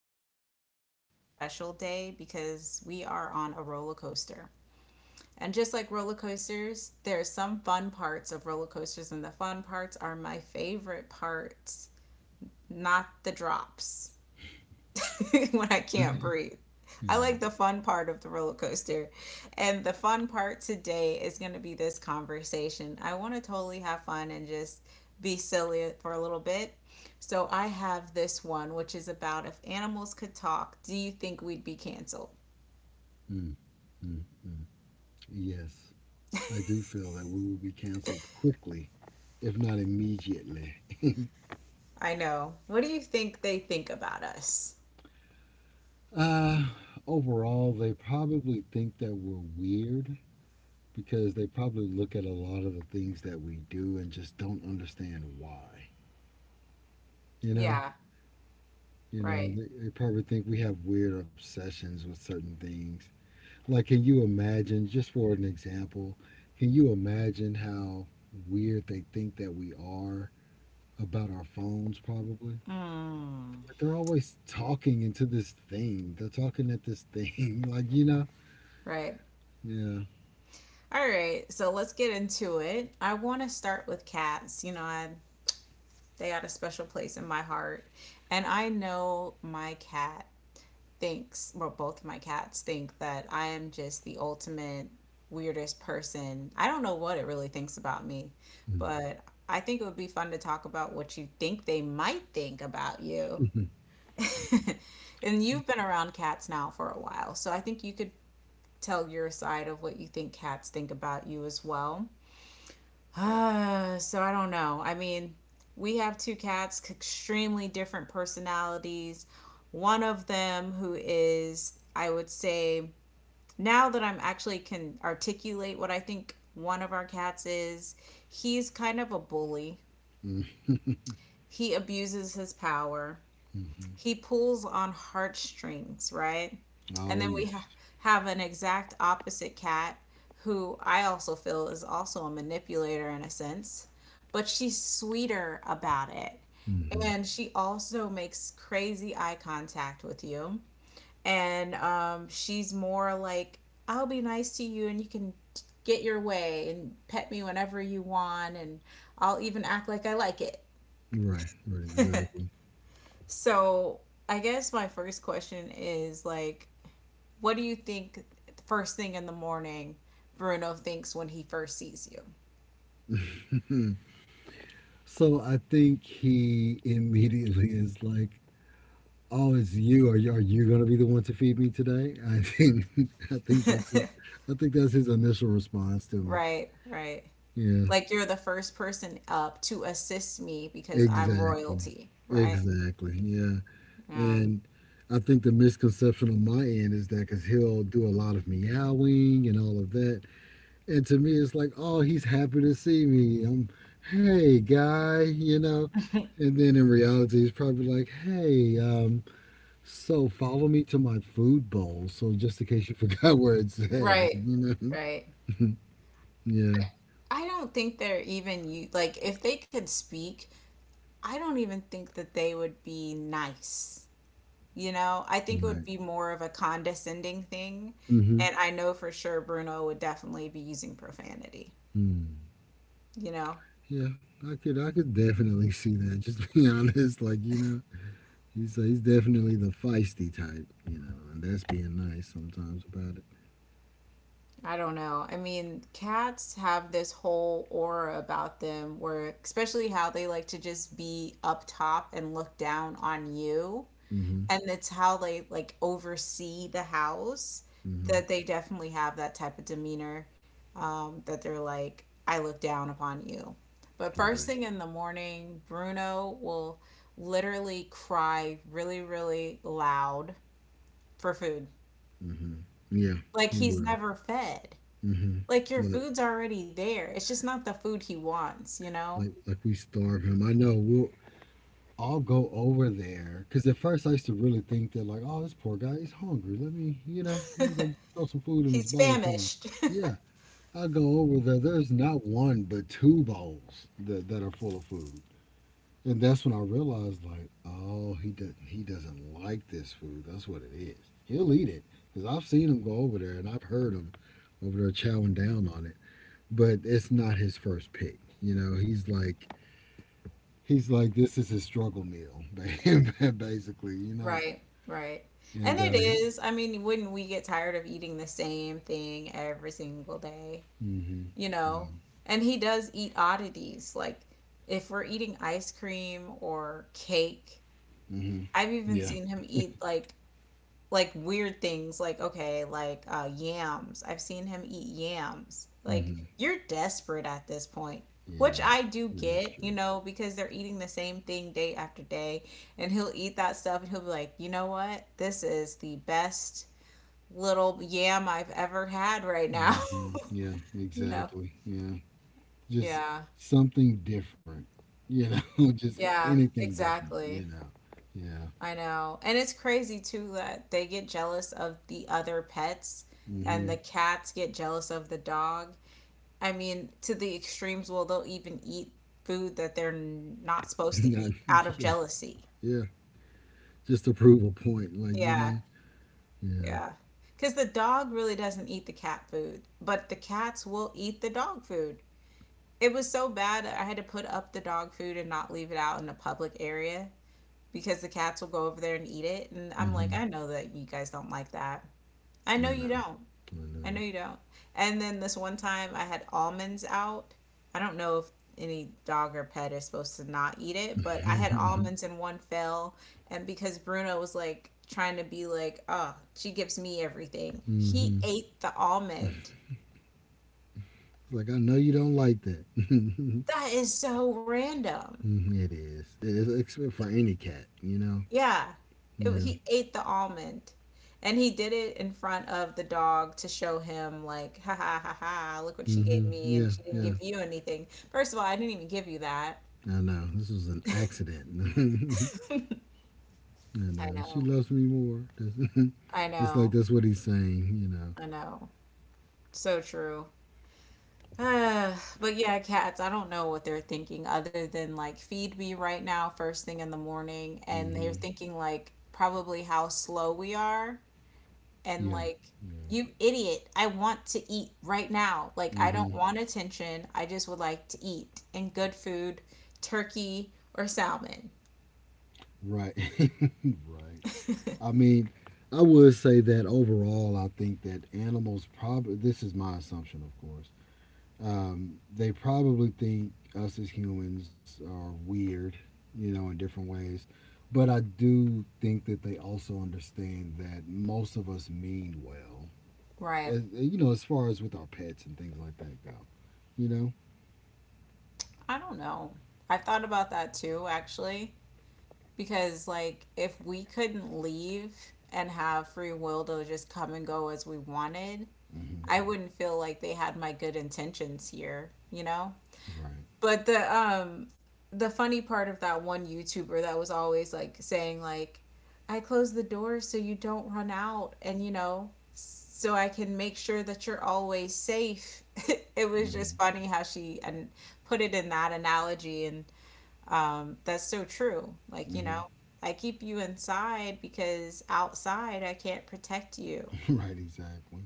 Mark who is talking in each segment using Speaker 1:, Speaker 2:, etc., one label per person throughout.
Speaker 1: is a very special, special day because we are on a roller coaster. And just like roller coasters, there are some fun parts of roller coasters, and the fun parts are my favorite parts, not the drops. When I can't breathe. I
Speaker 2: Right.
Speaker 1: like the fun part of the roller coaster. And the fun part today is going to be this conversation. I want to totally have fun and just be silly for a little bit. So I have this one, which is about, if animals could talk, do you think we'd be canceled?
Speaker 2: Mm, mm, mm. Yes, I do feel that we will be canceled quickly, if not immediately.
Speaker 1: I know. What do you think they think about us?
Speaker 2: Uh, Overall, they probably think that we're weird because they probably look at a lot of the things that we do and just don't understand why. You know,
Speaker 1: Yeah, right.
Speaker 2: they probably think we have weird obsessions with certain things. Like, can you imagine, just for an example, can you imagine how weird they think that we are? About our phones probably.
Speaker 1: Mm,
Speaker 2: But they're always talking into this thing. They're talking at this thing,
Speaker 1: right.
Speaker 2: Yeah.
Speaker 1: All right, so let's get into it. I want to start with cats. You know, I they got a special place in my heart. And I know my cat thinks, well, both my cats think that I am just the ultimate weirdest person. I don't know what it really thinks about me, but I think it would be fun to talk about what you think they might think about you.
Speaker 2: Mm-hmm.
Speaker 1: And you've been around cats now for a while, so I think you could tell your side of what you think cats think about you as well. So I don't know. I mean, we have two cats, extremely different personalities. One of them, who is, I would say, now that I'm actually can articulate what I think one of our cats is, he's kind of a bully. He abuses his power.
Speaker 2: Mm-hmm.
Speaker 1: He pulls on heartstrings, right? And then
Speaker 2: Oh
Speaker 1: we
Speaker 2: yes.
Speaker 1: have an exact opposite cat, who I also feel is also a manipulator in a sense, but she's sweeter about it.
Speaker 2: Hmm.
Speaker 1: And she also makes crazy eye contact with you. And she's more like, I'll be nice to you and you can get your way and pet me whenever you want. And I'll even act like I like it.
Speaker 2: Right. Right. Exactly.
Speaker 1: So I guess my first question is like, what do you think first thing in the morning Bruno thinks when he first sees
Speaker 2: So I think he immediately is like, "Oh, it's you. Are you going to be the one to feed me today?" I think I think
Speaker 1: you?
Speaker 2: that's his. I think that's his initial response to me.
Speaker 1: Right, right.
Speaker 2: Yeah.
Speaker 1: Like, you're the first person up to assist me because I'm
Speaker 2: Exactly.
Speaker 1: royalty, right?
Speaker 2: Exactly. Yeah.
Speaker 1: Yeah.
Speaker 2: And I think the misconception on my end is that because he'll do a lot of meowing and all of that. And to me, it's like, oh, he's happy to see me. I'm, hey, guy. And then in reality, he's probably like, hey, so follow me to my food bowl. So just in case you forgot where it's at, like,
Speaker 1: Right,
Speaker 2: you know.
Speaker 1: right.
Speaker 2: Yeah,
Speaker 1: I don't think they're even, you like, if they could speak, I don't even think that they would be nice. You know, I think it would
Speaker 2: right.
Speaker 1: be more of a condescending thing.
Speaker 2: Mm-hmm.
Speaker 1: And I know for sure Bruno would definitely be using profanity.
Speaker 2: Mm.
Speaker 1: You know,
Speaker 2: Yeah, I could definitely see that. Just be honest. He's definitely the feisty type, you know, and that's being nice sometimes about it.
Speaker 1: I don't know. I mean, cats have this whole aura about them, where, especially how they like to just be up top and look down on you,
Speaker 2: Mm-hmm.
Speaker 1: and it's how they like oversee the house,
Speaker 2: Mm-hmm.
Speaker 1: that they definitely have that type of demeanor, that they're like, I look down upon you. But first
Speaker 2: Right.
Speaker 1: thing in the morning, Bruno will literally cry really, really loud for food,
Speaker 2: Mm-hmm. Yeah,
Speaker 1: like
Speaker 2: he
Speaker 1: he's
Speaker 2: will.
Speaker 1: never fed.
Speaker 2: Mm-hmm.
Speaker 1: Like, your
Speaker 2: But
Speaker 1: food's already there, it's just not the food he wants.
Speaker 2: like we starve him. I know we'll I'll go over there because at first I used to really think that like, oh, this poor guy, he's hungry. Let me go throw some food in his
Speaker 1: He's
Speaker 2: bowl for him.
Speaker 1: famished.
Speaker 2: Yeah, I go over there. There's not one but two bowls that are full of food. And that's when I realized, like, oh, he doesn't like this food. That's what it is. He'll eat it because I've seen him go over there and I've heard him over there chowing down on it. But it's not his first pick. You know, he's like this is his struggle meal, basically. You know,
Speaker 1: Right, right. And
Speaker 2: and
Speaker 1: it is. I mean, wouldn't we get tired of eating the same thing every single day?
Speaker 2: mm-hmm.
Speaker 1: You know?
Speaker 2: Hmm.
Speaker 1: And he does eat oddities. Like, if we're eating ice cream or cake,
Speaker 2: Hmm.
Speaker 1: I've even
Speaker 2: Yeah.
Speaker 1: seen him eat like weird things, like, okay, like yams. I've seen him eat yams. Like,
Speaker 2: Mm-hmm.
Speaker 1: you're desperate at this point, which
Speaker 2: Yeah,
Speaker 1: I do
Speaker 2: it is
Speaker 1: get
Speaker 2: true.
Speaker 1: you know because they're eating the same thing day after day. And he'll eat that stuff and he'll be like, you know what, this is the best little yam I've ever had right now.
Speaker 2: Hmm. Yeah,
Speaker 1: You know.
Speaker 2: exactly. Yeah. Just
Speaker 1: Yeah.
Speaker 2: something different, just
Speaker 1: Yeah,
Speaker 2: anything different,
Speaker 1: exactly.
Speaker 2: Yeah.
Speaker 1: I know. And it's crazy too, that they get jealous of the other pets, and the
Speaker 2: Hmm.
Speaker 1: cats get jealous of the dog. I mean, to the extremes, well, they'll even eat food that they're not supposed to eat out of
Speaker 2: Yeah.
Speaker 1: jealousy.
Speaker 2: Yeah. Just to prove a point, like, you
Speaker 1: Yeah,
Speaker 2: know. Yeah.
Speaker 1: yeah. Because the dog really doesn't eat the cat food, but the cats will eat the dog food. It was so bad, that I had to put up the dog food and not leave it out in a public area, because the cats will go over there and eat it. And I'm like,
Speaker 2: Hmm.
Speaker 1: I know that you guys don't like that. I
Speaker 2: I
Speaker 1: know you
Speaker 2: know.
Speaker 1: don't.
Speaker 2: I
Speaker 1: I know
Speaker 2: know.
Speaker 1: you don't. And then this one time I had almonds out. I don't know if any dog or pet is supposed to not eat it, but I had almonds in one fell. And because Bruno was like, trying to be like, oh, she gives me everything, he
Speaker 2: Hmm.
Speaker 1: ate the almond.
Speaker 2: It's like, I know you don't like that.
Speaker 1: That is so random.
Speaker 2: Mhm, it is. It is except for any cat.
Speaker 1: Yeah. It,
Speaker 2: Yeah.
Speaker 1: he ate the almond. And he did it in front of the dog to show him, like, ha ha ha ha, look what she gave
Speaker 2: Hmm.
Speaker 1: me,
Speaker 2: Yeah.
Speaker 1: and she didn't
Speaker 2: Yeah.
Speaker 1: give you anything. First of all, I didn't even give you that.
Speaker 2: I know. This was an accident. And
Speaker 1: I
Speaker 2: she
Speaker 1: know.
Speaker 2: loves me more.
Speaker 1: I
Speaker 2: It's like
Speaker 1: know.
Speaker 2: that's what he's saying.
Speaker 1: I know. So true. But yeah, cats, I don't know what they're thinking other than like, feed me right now first thing in the morning, and they're
Speaker 2: Hmm.
Speaker 1: thinking like, probably how slow we are, and
Speaker 2: Yeah.
Speaker 1: like,
Speaker 2: Yeah.
Speaker 1: you idiot, I want to eat right now. Like, I
Speaker 2: Hmm.
Speaker 1: don't want attention. I just would like to eat and good food, turkey or salmon.
Speaker 2: Right. Right. I mean, I would say that overall, I think that animals probably, this is my assumption, of course, they probably think us as humans are weird, in different ways. But I do think that they also understand that most of us mean well
Speaker 1: Right.
Speaker 2: as, as far as with our pets and things like that go, you know.
Speaker 1: I don't know. I've thought about that too, actually, because like, if we couldn't leave and have free will to just come and go as we wanted,
Speaker 2: Mm-hmm.
Speaker 1: I wouldn't feel like they had my good intentions here, you know?
Speaker 2: Right.
Speaker 1: But the funny part of that one YouTuber that was always like saying like, I close the door so you don't run out, and, you know, so I can make sure that you're always safe. It was
Speaker 2: Mm-hmm.
Speaker 1: just funny how she and put it in that analogy, and that's so true. Like, you
Speaker 2: Mm-hmm.
Speaker 1: know, I keep you inside because outside I can't protect you,
Speaker 2: Right. Exactly.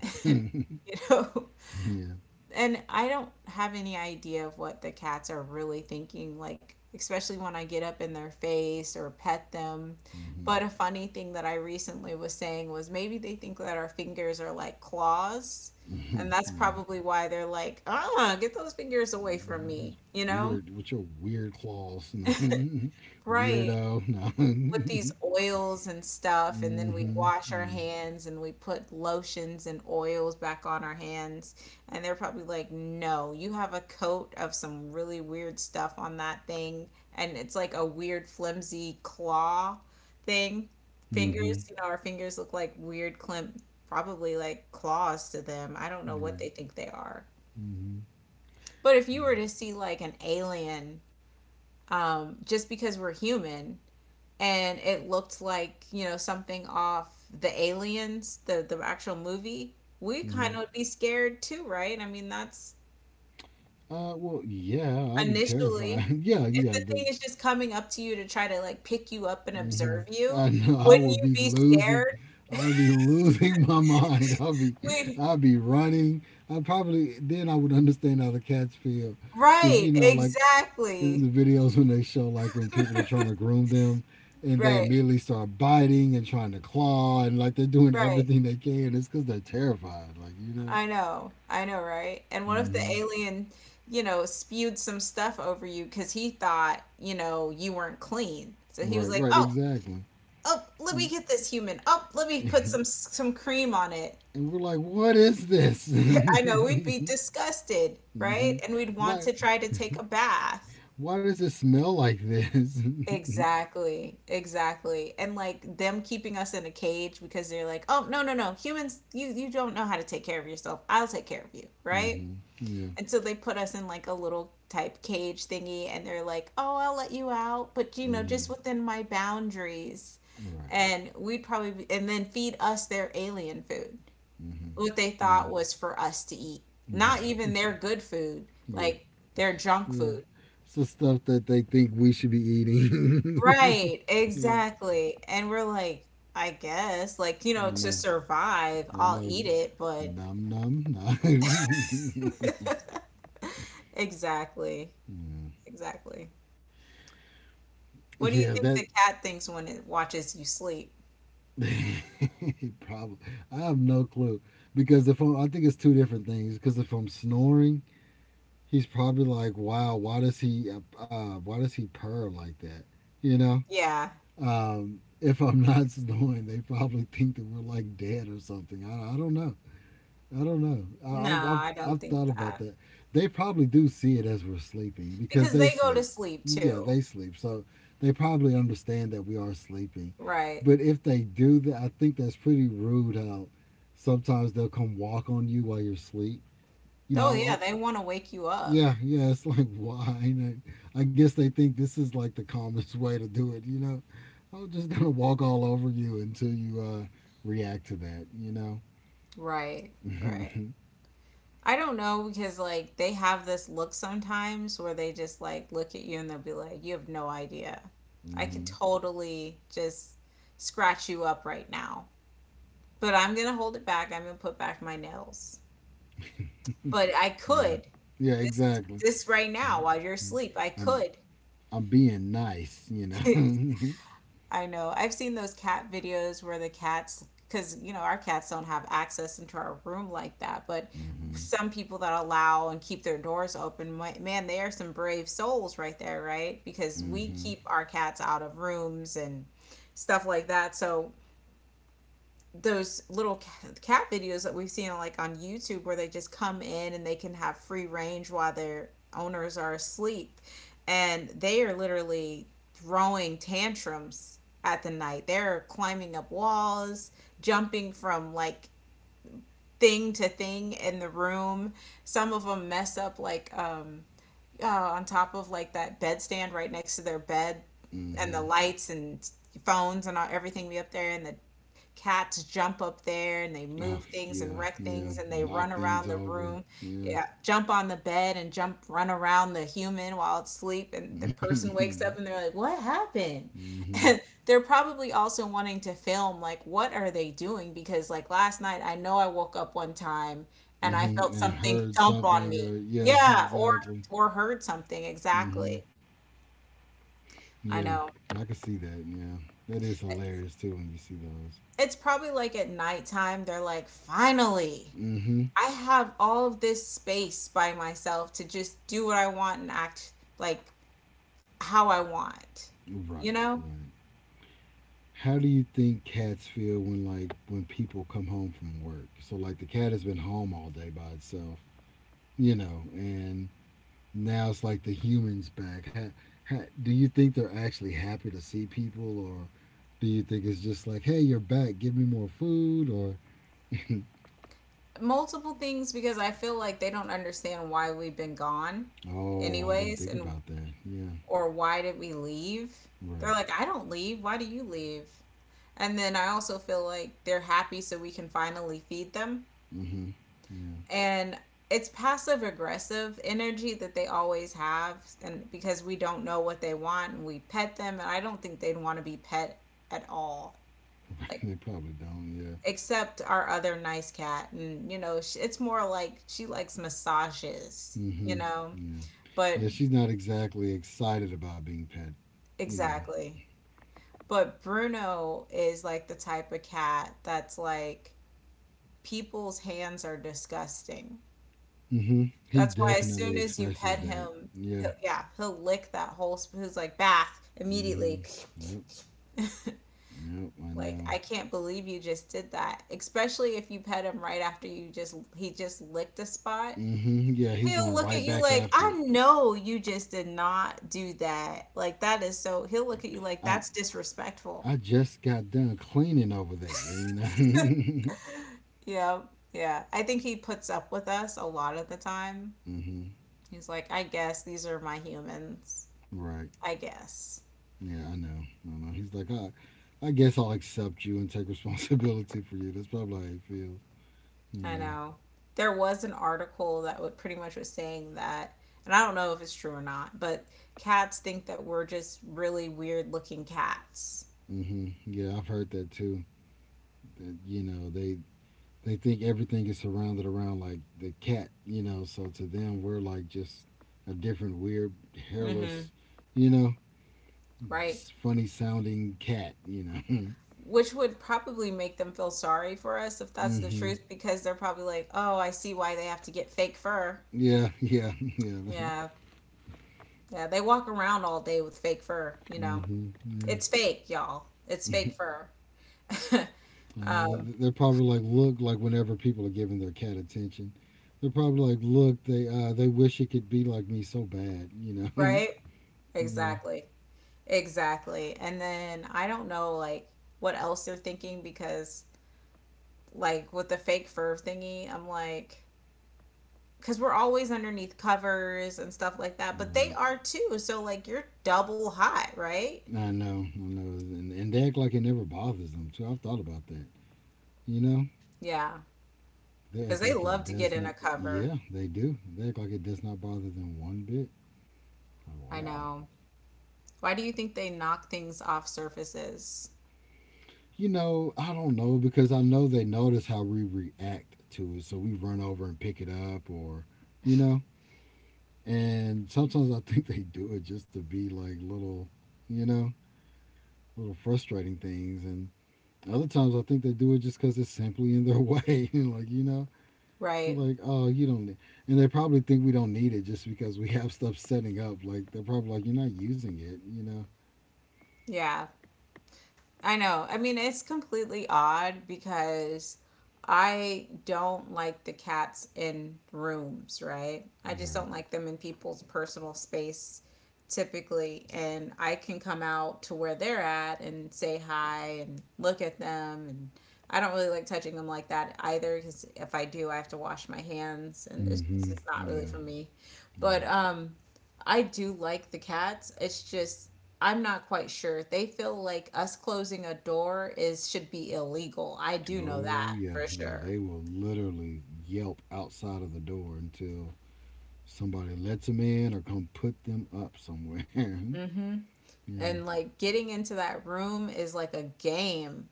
Speaker 1: you know?
Speaker 2: Yeah.
Speaker 1: And I don't have any idea of what the cats are really thinking, like, especially when I get up in their face or pet them.
Speaker 2: Mm-hmm.
Speaker 1: But a funny thing that I recently was saying was, maybe they think that our fingers are like claws. And
Speaker 2: Mm-hmm.
Speaker 1: that's
Speaker 2: Yeah.
Speaker 1: probably why they're like, ah, get those fingers away from
Speaker 2: Mhm. These
Speaker 1: me, you know?
Speaker 2: weird with your weird claws. No.
Speaker 1: Right.
Speaker 2: Weirdo. No.
Speaker 1: With
Speaker 2: Mm-hmm.
Speaker 1: these oils and stuff, and then we wash our
Speaker 2: Mm-hmm.
Speaker 1: hands and we put lotions and oils back on our hands. And they're probably like, no, you have a coat of some really weird stuff on that thing. And it's like a weird, flimsy claw thing.
Speaker 2: Mm-hmm.
Speaker 1: Fingers, you know, our fingers look like weird, climp, probably like claws to them. I don't know what
Speaker 2: Right.
Speaker 1: they think they are.
Speaker 2: Mm-hmm.
Speaker 1: But if you
Speaker 2: Yeah.
Speaker 1: were to see like an alien, just because we're human, and it looked like, you know, something off the aliens, the actual movie, we kind
Speaker 2: Mm-hmm.
Speaker 1: of would be scared too, right? I mean, that's
Speaker 2: Well, yeah, I'd be
Speaker 1: initially.
Speaker 2: terrified. Yeah,
Speaker 1: If
Speaker 2: yeah,
Speaker 1: the
Speaker 2: the
Speaker 1: thing is just coming up to you to try to like pick you up and
Speaker 2: hmm
Speaker 1: observe you,
Speaker 2: I know I
Speaker 1: wouldn't
Speaker 2: will
Speaker 1: you
Speaker 2: be
Speaker 1: be
Speaker 2: losing.
Speaker 1: scared?
Speaker 2: I'll be losing my mind.
Speaker 1: We...
Speaker 2: I'll be running. I probably then I would understand how the cats feel, because
Speaker 1: Right,
Speaker 2: like in the
Speaker 1: exactly.
Speaker 2: videos when they show like when people are trying to groom them, and they
Speaker 1: Right,
Speaker 2: immediately start biting and trying to claw and like they're doing
Speaker 1: right.
Speaker 2: everything they can. It's because they're terrified.
Speaker 1: I know. I know, right? And what if the
Speaker 2: Hmm.
Speaker 1: alien, you know, spewed some stuff over you because he thought, you know, you weren't clean, so he was
Speaker 2: Right.
Speaker 1: like,
Speaker 2: Right.
Speaker 1: oh,
Speaker 2: Exactly.
Speaker 1: oh, let me get this human. Oh, let me put some cream on it.
Speaker 2: And we're like, what is this?
Speaker 1: I know we'd be disgusted,
Speaker 2: Hmm.
Speaker 1: right? And we'd want
Speaker 2: Why?
Speaker 1: to try to take a bath.
Speaker 2: Why does it smell like this?
Speaker 1: Exactly. Exactly. And like them keeping us in a cage, because they're like, "Oh, no, no, no. Humans, you don't know how to take care of yourself. I'll take care of you." Right?
Speaker 2: Mm-hmm. Yeah.
Speaker 1: And so they put us in like a little type cage thingy and they're like, "Oh, I'll let you out, but you know,
Speaker 2: Mm-hmm.
Speaker 1: just within my boundaries."
Speaker 2: Right.
Speaker 1: And we'd probably be, and then feed us their alien food,
Speaker 2: Mm-hmm.
Speaker 1: what they
Speaker 2: Yeah.
Speaker 1: thought was for us to eat. Not even
Speaker 2: Right.
Speaker 1: their good food,
Speaker 2: Yeah.
Speaker 1: like their junk
Speaker 2: Yeah.
Speaker 1: food.
Speaker 2: So stuff that they think we should be eating.
Speaker 1: Right,
Speaker 2: Yeah.
Speaker 1: exactly. And we're like, I guess, like, you
Speaker 2: I
Speaker 1: know, to
Speaker 2: know.
Speaker 1: survive,
Speaker 2: I
Speaker 1: I'll
Speaker 2: know.
Speaker 1: eat it, but
Speaker 2: Num num num.
Speaker 1: exactly.
Speaker 2: Mm.
Speaker 1: Exactly. What do
Speaker 2: Yeah.
Speaker 1: you think
Speaker 2: That.
Speaker 1: the cat thinks when it watches you sleep?
Speaker 2: Probably. I have no clue because if I'm, I think it's two different things. Because if I'm snoring, he's probably like, "Wow, why does he? Why does he purr like that?" You know.
Speaker 1: Yeah.
Speaker 2: If I'm not snoring, they probably think that we're like dead or something. I don't know. I don't know.
Speaker 1: No,
Speaker 2: I, I've,
Speaker 1: I
Speaker 2: I've,
Speaker 1: don't
Speaker 2: I've
Speaker 1: think
Speaker 2: thought about
Speaker 1: that.
Speaker 2: that. They probably do see it as we're sleeping because
Speaker 1: Because
Speaker 2: they
Speaker 1: they go to
Speaker 2: sleep.
Speaker 1: sleep
Speaker 2: Yeah, they
Speaker 1: too.
Speaker 2: sleep. So they probably understand that we are sleeping.
Speaker 1: Right.
Speaker 2: But if they do that, I think that's pretty rude how sometimes they'll come walk on you while you're asleep. You
Speaker 1: Oh, yeah,
Speaker 2: know,
Speaker 1: they want to wake you up.
Speaker 2: yeah, yeah, it's like why? And I guess they think this is like the calmest way to do it, you know. I'm just gonna walk all over you until you react to that.
Speaker 1: Right, right. I don't know, because like they have this look sometimes where they just like look at you and they'll be like, "You have no idea. I could
Speaker 2: Hmm.
Speaker 1: totally just scratch you up right now, but I'm gonna hold it back. I'm gonna put back my nails, but I
Speaker 2: Yeah,
Speaker 1: could
Speaker 2: yeah,
Speaker 1: this
Speaker 2: exactly.
Speaker 1: this right now
Speaker 2: Mhm.
Speaker 1: while you're asleep. I
Speaker 2: I'm
Speaker 1: could."
Speaker 2: I'm being nice, Hmm.
Speaker 1: I know. I've seen those cat videos where the cats, because, you know, our cats don't have access into our room like that, but some people that allow and keep their doors open, man, they are some brave souls right there, right? Because we
Speaker 2: Hmm.
Speaker 1: keep our cats out of rooms and stuff like that. So those little cat videos that we've seen like on YouTube where they just come in and they can have free range while their owners are asleep and they are literally throwing tantrums at the night. They're climbing up walls, jumping from like thing to thing in the room. Some of them mess up on top of like that bedstand right next to their bed and the
Speaker 2: Hmm.
Speaker 1: lights and phones and all, everything be up there and the cats jump up there and they move
Speaker 2: Oh
Speaker 1: things and
Speaker 2: yeah,
Speaker 1: wreck
Speaker 2: yeah.
Speaker 1: things and they run
Speaker 2: Knock
Speaker 1: around
Speaker 2: things
Speaker 1: the
Speaker 2: over.
Speaker 1: room,
Speaker 2: Yeah.
Speaker 1: yeah, jump on the bed and jump run around the human while it's asleep and the person wakes
Speaker 2: Hmm.
Speaker 1: up and they're like, what happened?
Speaker 2: Hmm.
Speaker 1: And they're probably also wanting to film like what are they doing, because like last night I know I woke up one time and I
Speaker 2: Hmm.
Speaker 1: felt
Speaker 2: And
Speaker 1: something
Speaker 2: heard
Speaker 1: thump on
Speaker 2: something,
Speaker 1: me,
Speaker 2: or yeah,
Speaker 1: yeah,
Speaker 2: exactly.
Speaker 1: or heard something
Speaker 2: Hmm.
Speaker 1: exactly. I
Speaker 2: Yeah,
Speaker 1: know,
Speaker 2: I can see that. Yeah, that is hilarious too when you see those.
Speaker 1: it's probably like at nighttime they're like, finally
Speaker 2: Mm-hmm.
Speaker 1: I have all of this space by myself to just do what I want and act like how I want.
Speaker 2: Right.
Speaker 1: You know?
Speaker 2: Right. How do you think cats feel when like when people come home from work? So like the cat has been home all day by itself, and now it's like the humans back. Do you think they're actually happy to see people, or do you think it's just like, hey, you're back, give me more food, or
Speaker 1: Multiple things, because I feel like they don't understand why we've been gone
Speaker 2: Oh, I didn't
Speaker 1: anyways
Speaker 2: think
Speaker 1: and
Speaker 2: about that. Yeah.
Speaker 1: or why did we leave?
Speaker 2: Right.
Speaker 1: They're like, "I don't leave. Why do you leave?" And then I also feel like they're happy so we can finally feed them.
Speaker 2: Mm-hmm. Yeah.
Speaker 1: And it's passive aggressive energy that they always have, and because we don't know what they want and we pet them and I don't think they'd want to be pet at all, like
Speaker 2: They probably don't.
Speaker 1: except our other nice cat, and you know it's more like she likes massages,
Speaker 2: Yeah.
Speaker 1: you
Speaker 2: Hmm.
Speaker 1: know,
Speaker 2: Yeah.
Speaker 1: but
Speaker 2: Yeah. She's not exactly excited about being pet. You know.
Speaker 1: exactly. But Bruno is like the type of cat that's like people's hands are disgusting.
Speaker 2: Hmm. He
Speaker 1: That's why as soon
Speaker 2: definitely
Speaker 1: as you
Speaker 2: expresses
Speaker 1: pet
Speaker 2: that.
Speaker 1: him,
Speaker 2: Yeah.
Speaker 1: he'll, yeah, he'll lick that whole spoon. He's like, bath,
Speaker 2: Hmm.
Speaker 1: immediately.
Speaker 2: Yep. Yep. I
Speaker 1: Like,
Speaker 2: know.
Speaker 1: I can't believe you just did that. Especially if you pet him right after you just, he just licked a spot.
Speaker 2: Hmm. Yeah. He's
Speaker 1: He'll
Speaker 2: going
Speaker 1: look at
Speaker 2: right
Speaker 1: you
Speaker 2: back
Speaker 1: like,
Speaker 2: after
Speaker 1: I
Speaker 2: it.
Speaker 1: know you just did not do that. Like, that is so, he'll look at you like,
Speaker 2: I
Speaker 1: that's disrespectful.
Speaker 2: I just got done cleaning over there. You know.
Speaker 1: Yeah, yeah. I think he puts up with us a lot of the time.
Speaker 2: Hmm.
Speaker 1: He's like, I guess these are my humans.
Speaker 2: Right.
Speaker 1: I guess.
Speaker 2: Yeah. I know. I know. He's like, I guess I'll accept you and take responsibility for you. That's probably how he feels. You
Speaker 1: I
Speaker 2: know.
Speaker 1: know. There was an article that would pretty much was saying that, and I don't know if it's true or not, but cats think that we're just really weird looking cats.
Speaker 2: Hmm. Yeah. I've heard that too. That they think everything is surrounded around like the cat, you know. So to them, we're like just a different, weird,
Speaker 1: Mm-hmm.
Speaker 2: hairless, you know,
Speaker 1: Right?
Speaker 2: funny sounding cat.
Speaker 1: Which would probably make them feel sorry for us if that's
Speaker 2: Mm
Speaker 1: the
Speaker 2: hmm.
Speaker 1: truth, because they're probably like, oh, I see why they have to get fake fur.
Speaker 2: Yeah, yeah, yeah.
Speaker 1: Yeah. Yeah. They walk around all day with fake fur, you
Speaker 2: Mm
Speaker 1: know? It's
Speaker 2: hmm.
Speaker 1: fake, y'all. It's
Speaker 2: Yeah.
Speaker 1: fake fur.
Speaker 2: I know they're probably like, look, like whenever people are giving their cat attention, they're probably like, look, they wish it could be like me so bad,
Speaker 1: Right?
Speaker 2: Yeah.
Speaker 1: Exactly. Exactly. And then I don't know like what else they're thinking, because like with the fake fur thingy, I'm like, cuz we're always underneath covers and stuff like that, but they
Speaker 2: Right.
Speaker 1: are too. So like you're double hot, right?
Speaker 2: I know, and they act like it never bothers them too. I've thought about that. You know,
Speaker 1: Yeah.
Speaker 2: they
Speaker 1: Cuz
Speaker 2: act
Speaker 1: they
Speaker 2: like it
Speaker 1: love to get
Speaker 2: does
Speaker 1: in
Speaker 2: not.
Speaker 1: a cover.
Speaker 2: Yeah, they do. They act like it does not bother them one bit. Like
Speaker 1: I
Speaker 2: wow.
Speaker 1: know. Why do you think they knock things off surfaces?
Speaker 2: You know, I don't know because I know they notice how we react to it, so we run over and pick it up, or you know. And sometimes I think they do it just to be like little, you know, little frustrating things, and other times I think they do it just because it's simply in their way. They're
Speaker 1: Right.
Speaker 2: like, oh, you don't need, and they probably think we don't need it just because we have stuff setting up. Like they're probably like, you're not using it, you know?
Speaker 1: Yeah. I know. I mean, it's completely odd because I don't like the cats in rooms, right? I just
Speaker 2: Right.
Speaker 1: don't like them in people's personal space typically. And I can come out to where they're at and say hi and look at them. And I don't really like touching them like that either, because if I do, I have to wash my hands. And it's
Speaker 2: Mm-hmm.
Speaker 1: just not really
Speaker 2: Yeah.
Speaker 1: for me.
Speaker 2: Yeah.
Speaker 1: But I do like the cats. It's just I'm not quite sure. They feel like us closing a door is should be illegal. I do know
Speaker 2: Oh
Speaker 1: that
Speaker 2: yeah,
Speaker 1: for
Speaker 2: yeah.
Speaker 1: sure.
Speaker 2: They will literally yelp outside of the door until somebody lets them in or come put them up somewhere. Yeah.
Speaker 1: Hmm. And like getting into that room is like a game.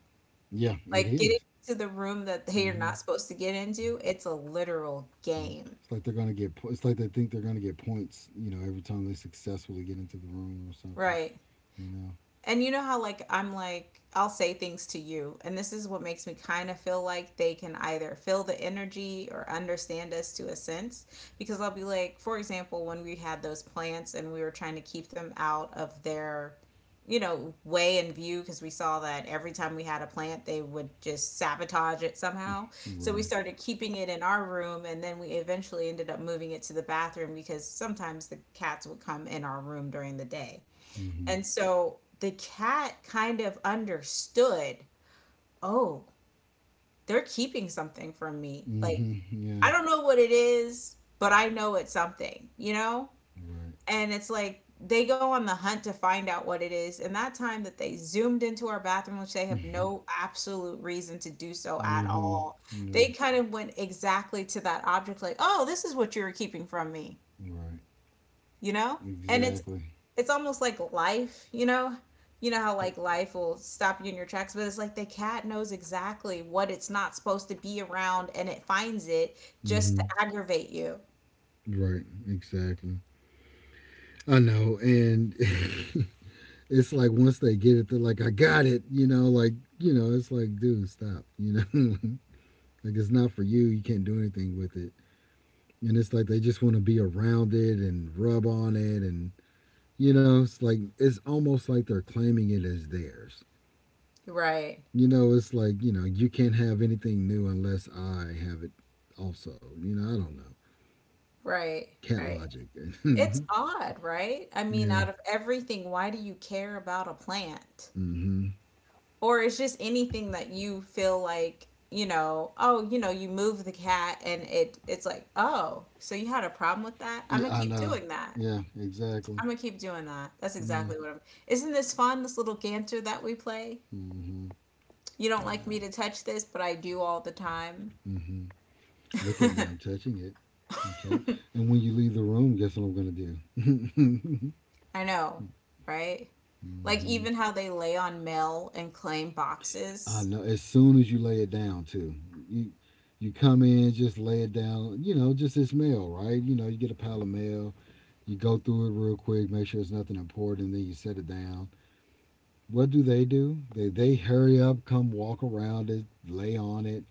Speaker 2: Yeah. It
Speaker 1: Like getting
Speaker 2: is.
Speaker 1: to the room that they are
Speaker 2: Mm-hmm.
Speaker 1: not supposed to get into, it's a literal
Speaker 2: Mm-hmm.
Speaker 1: game.
Speaker 2: It's like they're gonna get. It's like they think they're gonna get points. You know, every time they successfully get into the room or something.
Speaker 1: Right.
Speaker 2: You know.
Speaker 1: And you know how like I'm like I'll say things to you, and this is what makes me kind of feel like they can either feel the energy or understand us to a sense, because I'll be like, for example, when we had those plants and we were trying to keep them out of their, you know, way and view, because we saw that every time we had a plant they would just sabotage it somehow. So we
Speaker 2: Right.
Speaker 1: started keeping it in our room, and then we eventually ended up moving it to the bathroom because sometimes the cats would come in our room during the day.
Speaker 2: Mm-hmm.
Speaker 1: And so the cat kind of understood, oh, they're keeping something from me. Like,
Speaker 2: Mm-hmm. Yeah.
Speaker 1: I don't know what it is, but I know it's something, you know?
Speaker 2: Right.
Speaker 1: And it's like they go on the hunt to find out what it is. And that time that they zoomed into our bathroom, which they have
Speaker 2: Mm-hmm.
Speaker 1: no absolute reason to do so at
Speaker 2: Mm-hmm.
Speaker 1: all, they
Speaker 2: Yeah.
Speaker 1: kind of went exactly to that object, like, oh, this is what you were keeping from me,
Speaker 2: Right.
Speaker 1: you know. And it's
Speaker 2: Exactly.
Speaker 1: it's almost like life, you know, you know how like life will stop you in your tracks, but it's like the cat knows exactly what it's not supposed to be around and it finds it just to
Speaker 2: Mm-hmm.
Speaker 1: aggravate you,
Speaker 2: Right. Exactly. I know. And it's like once they get it, they're like, I got it. You know, like, it's like, dude, stop. You know, like it's not for you. You can't do anything with it. And it's like they just want to be around it and rub on it. And, it's like, it's almost like they're claiming it as theirs.
Speaker 1: right?
Speaker 2: You know, it's like, you can't have anything new unless I have it also. You know, I don't know.
Speaker 1: Right.
Speaker 2: Cat
Speaker 1: Right,
Speaker 2: logic. Yeah.
Speaker 1: it's odd, right? I mean, out of everything, why do you care about a plant?
Speaker 2: Mm-hmm.
Speaker 1: Or it's just anything that you feel like, you know. Oh, you know, you move the cat and it's like, oh, so you had a problem with that, I'm
Speaker 2: Yeah,
Speaker 1: gonna
Speaker 2: I
Speaker 1: keep
Speaker 2: know.
Speaker 1: doing that.
Speaker 2: Yeah, exactly.
Speaker 1: I'm gonna keep doing that. That's
Speaker 2: Yeah.
Speaker 1: exactly what I'm. Isn't this fun, this little ganter that we play?
Speaker 2: Mm-hmm.
Speaker 1: You don't
Speaker 2: I
Speaker 1: like me
Speaker 2: know.
Speaker 1: to touch this, but I do all the time.
Speaker 2: Mm-hmm. Look at me. I'm touching it. I'm touching. And when you leave the room, guess what I'm going to do?
Speaker 1: I know, right? Like
Speaker 2: Mm-hmm.
Speaker 1: even how they lay on mail and claim
Speaker 2: I
Speaker 1: boxes.
Speaker 2: know. As soon as you lay it down, too. You you come in, just lay it down. You know, just this mail, right? You know, you get a pile of mail. You go through it real quick, make sure it's nothing important, and then you set it down. What do they do? They hurry up, come walk around it, lay on it,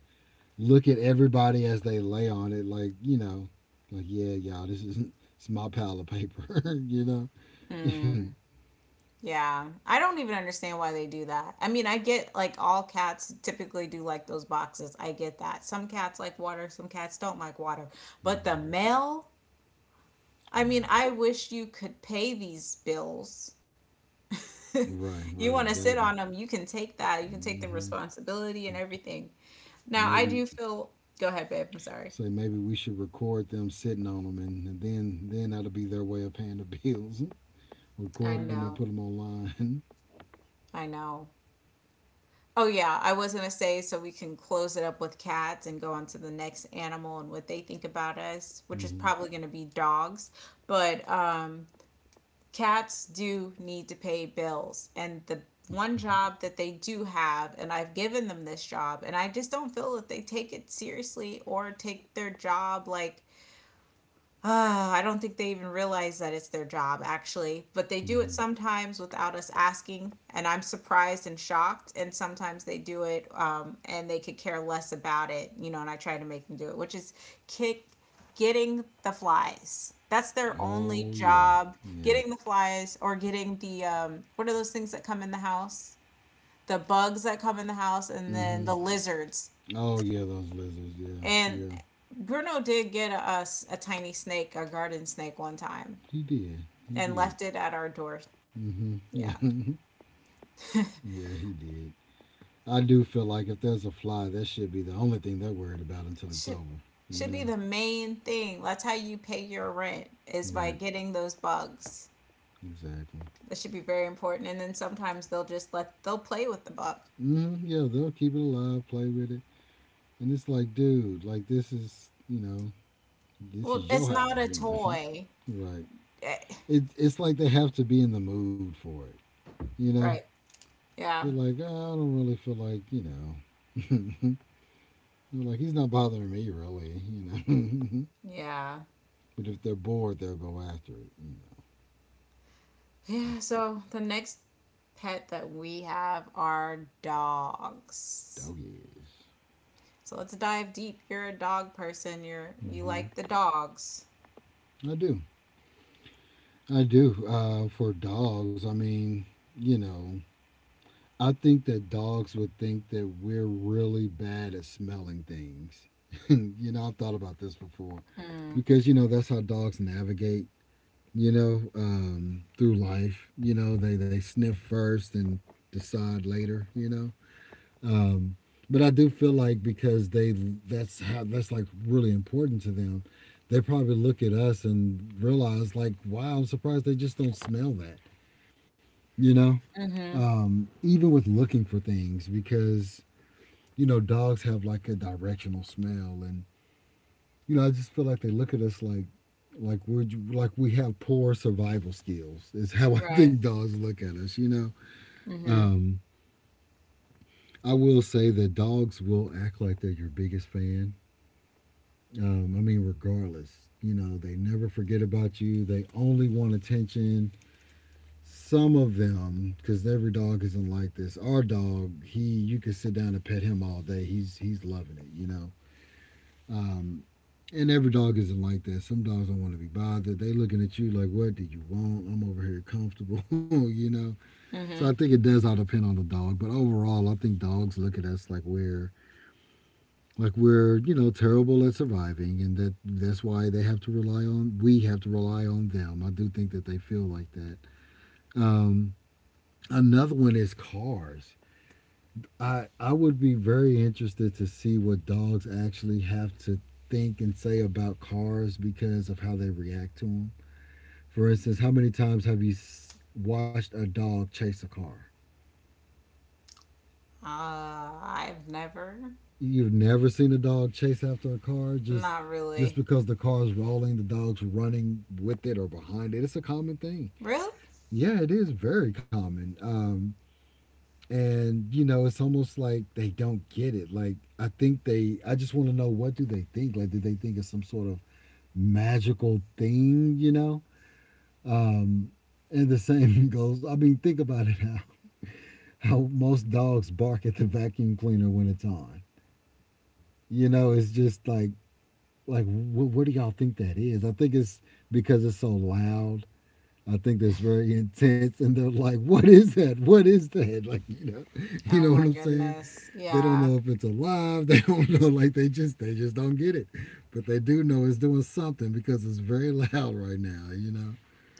Speaker 2: look at everybody as they lay on it, like like yeah, y'all, this isn't it's my pile of paper, you know.
Speaker 1: Mm, yeah. I don't even understand why they do that. I mean, I get like all cats typically do like those boxes. I get that. Some cats like water, some cats don't like water. But the mail, I
Speaker 2: I
Speaker 1: mean,
Speaker 2: know.
Speaker 1: I wish you could pay these bills.
Speaker 2: Right, right,
Speaker 1: You want to sit
Speaker 2: exactly.
Speaker 1: on them, you can take that. You can take the
Speaker 2: hmm
Speaker 1: responsibility and everything. Now, I
Speaker 2: Maybe
Speaker 1: do feel. Go ahead, babe. I'm sorry.
Speaker 2: maybe we should record them sitting on them, and then that'll be their way of paying the bills.
Speaker 1: I
Speaker 2: Record them and
Speaker 1: know.
Speaker 2: put them online.
Speaker 1: I know. Oh, yeah. I was going to say, so we can close it up with cats and go on to the next animal and what they think about us, which is
Speaker 2: hmm
Speaker 1: probably going to be dogs. But cats do need to pay bills. And the one job that they do have, and I've given them this job, and I just don't feel that they take it seriously or take their job like, ah, I don't think they even realize that it's their job, actually, but they do it
Speaker 2: hmm
Speaker 1: sometimes without us asking, and I'm surprised and shocked. And sometimes they do it, and they could care less about it, you know. And I try to make them do it, which is kick, getting the flies. That's their only
Speaker 2: Oh yeah,
Speaker 1: job:
Speaker 2: yeah.
Speaker 1: getting the flies or getting the what are those things that come in the house? The bugs that come in the house, and then
Speaker 2: hmm
Speaker 1: the lizards.
Speaker 2: Oh yeah, those lizards. Yeah,
Speaker 1: And
Speaker 2: yeah.
Speaker 1: Bruno did get us a tiny snake, a garden snake, one time
Speaker 2: He did. He
Speaker 1: and
Speaker 2: did.
Speaker 1: left it at our door.
Speaker 2: Yeah,
Speaker 1: Yeah.
Speaker 2: yeah. He did. I do feel like if there's a fly, that should be the only thing they're worried about until it's
Speaker 1: Should
Speaker 2: over. You
Speaker 1: should be
Speaker 2: know?
Speaker 1: the main thing. That's how you pay your rent, is by
Speaker 2: Right.
Speaker 1: getting those bugs.
Speaker 2: Exactly.
Speaker 1: That should be very important. And then sometimes they'll just let they'll play with the bug.
Speaker 2: Yeah, they'll keep it alive, play with it, and it's like, dude, like this is, you know, this
Speaker 1: Well,
Speaker 2: is your
Speaker 1: it's not
Speaker 2: house.
Speaker 1: a
Speaker 2: You
Speaker 1: toy.
Speaker 2: know? Right.
Speaker 1: Eh,
Speaker 2: It's like they have to be in the mood for it. You know?
Speaker 1: right. Yeah.
Speaker 2: They're like, "Ah, I don't really feel like, you know. You know, like he's not bothering me really, know.
Speaker 1: Yeah.
Speaker 2: But if they're bored, they'll go after it.
Speaker 1: Yeah, so the next pet that we have are dogs.
Speaker 2: Doggies.
Speaker 1: So let's dive deep. You're a dog person. You like
Speaker 2: Mm-hmm.
Speaker 1: the dogs.
Speaker 2: I do. I do. For dogs, I mean, you know, I think that dogs would think that we're really bad at smelling things. You know, I've thought about this before because that's how dogs navigate. You know, through life. You know, they sniff first and decide later. You know. Um, but I do feel like because they that's how that's like really important to them, they probably look at us and realize like, wow, I'm surprised they just don't smell that. You know,
Speaker 1: Mhm.
Speaker 2: even with looking for things because dogs have like a directional smell, and you know I just feel like they look at us like we're like we have poor survival skills is how I
Speaker 1: Right.
Speaker 2: think dogs look at us.
Speaker 1: Mhm.
Speaker 2: Um, I will say that dogs will act like they're your biggest fan. I mean, regardless, they never forget about you. They only want attention. Some of them, because every dog isn't like this. Our dog, he, you could sit down and pet him all day. He's loving it. Um, and every dog isn't like that. Some dogs don't want to be bothered. They looking at you like, "What do you want? I'm over here comfortable," you know. So I think it does all depend on the dog. But overall, I think dogs look at us like we're terrible at surviving, and that's why they have to rely on we have to rely on them. I do think that they feel like that. um, Another one is cars. I would be very interested to see what dogs actually have to think and say about cars because of how they react to them. For instance, how many times have you watched a dog chase a car?
Speaker 1: I've never.
Speaker 2: You've never seen a dog chase after a car just
Speaker 1: Not
Speaker 2: just
Speaker 1: really.
Speaker 2: because the car is rolling, the dog's running with it or behind it. It's a common thing.
Speaker 1: Really?
Speaker 2: Yeah, it is very common. And it's almost like they don't get it. Like I just want to know, what do they think? Like, do they think it's some sort of magical thing? You know. Um, and the same goes. I mean, think about it now. How most dogs bark at the vacuum cleaner when it's on. You know, it's just like what do y'all think that is? I think it's because it's so loud. I think that's very intense and they're like, what is that? What is that? Like you
Speaker 1: Oh
Speaker 2: know what
Speaker 1: my
Speaker 2: I'm saying.
Speaker 1: goodness.
Speaker 2: They don't
Speaker 1: Yeah.
Speaker 2: know if it's alive. They don't know, like they just don't get it. But they do know it's doing something because it's very loud right now.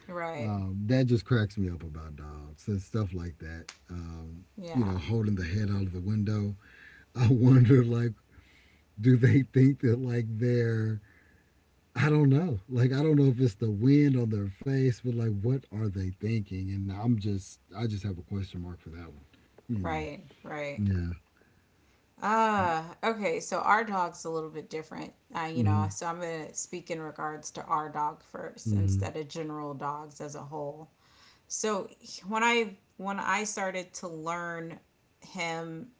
Speaker 1: Right.
Speaker 2: That just cracks me up about dogs and stuff like that.
Speaker 1: Yeah.
Speaker 2: Holding the head out of the window. I wonder like, do they think that like they're — I don't know. Like, I don't know if it's the wind on their face, but like what are they thinking? And I just have a question mark for that one. You know.
Speaker 1: Right. Right.
Speaker 2: Yeah.
Speaker 1: Okay. So our dog's a little bit different. You
Speaker 2: Mm-hmm.
Speaker 1: know, so I'm going to speak in regards to our dog first
Speaker 2: Mm-hmm.
Speaker 1: instead of general dogs as a whole. So when I started to learn him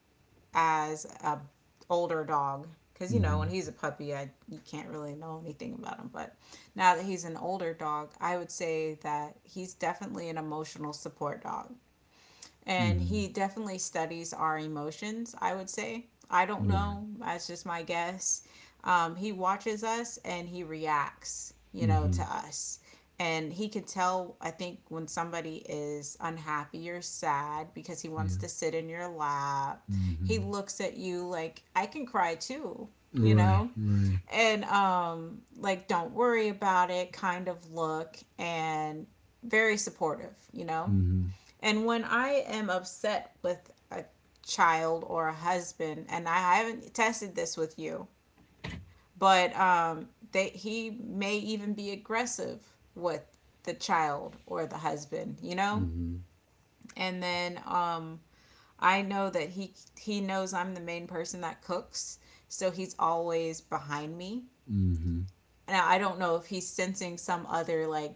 Speaker 1: as a older dog, because you know when
Speaker 2: Mm-hmm.
Speaker 1: he's a puppy I you can't really know anything about him, but now that he's an older dog I would say that he's definitely an emotional support dog, and
Speaker 2: Mm-hmm.
Speaker 1: he definitely studies our emotions, I would say. I don't
Speaker 2: Right.
Speaker 1: know, that's just my guess. He watches us and he reacts, you know, to
Speaker 2: Mm-hmm.
Speaker 1: us. And he can tell, I think, when somebody is unhappy or sad, because he
Speaker 2: Yeah.
Speaker 1: wants to sit in your lap. He
Speaker 2: Mm-hmm.
Speaker 1: looks at you like, I can cry too, you
Speaker 2: Right.
Speaker 1: know?
Speaker 2: Right.
Speaker 1: And like don't worry about it kind of look and very supportive. you know
Speaker 2: Mm-hmm.
Speaker 1: and when I am upset with a child or a husband, and I haven't tested this with you, but he may even be aggressive with the child or the husband, you know?
Speaker 2: Mm-hmm.
Speaker 1: And then, I know that he knows I'm the main person that cooks, so he's always behind me.
Speaker 2: Mm-hmm.
Speaker 1: Now I don't know if he's sensing some other like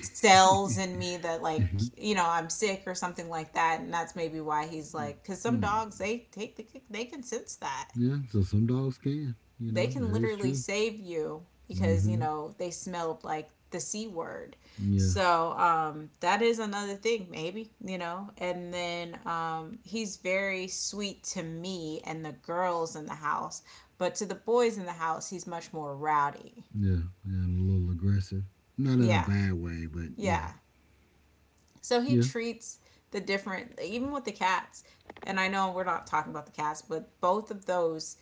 Speaker 1: cells in me that like, I'm sick or something like that, and that's maybe why he's like. Because some dogs,
Speaker 2: Mm.
Speaker 1: they take the kick, they can sense that.
Speaker 2: Yeah. So some dogs can. You
Speaker 1: They
Speaker 2: know
Speaker 1: can
Speaker 2: that is
Speaker 1: literally
Speaker 2: true.
Speaker 1: save you because
Speaker 2: Mm-hmm.
Speaker 1: they smell like the c word.
Speaker 2: Yeah.
Speaker 1: So that is another thing, maybe. And then he's very sweet to me and the girls in the house, but to the boys in the house he's much more rowdy.
Speaker 2: Yeah. Yeah. And a little aggressive. Not in a
Speaker 1: Yeah.
Speaker 2: bad way, but yeah.
Speaker 1: Yeah. So he
Speaker 2: Yeah.
Speaker 1: treats the different, even with the cats, and I know we're not talking about the cats, but both of those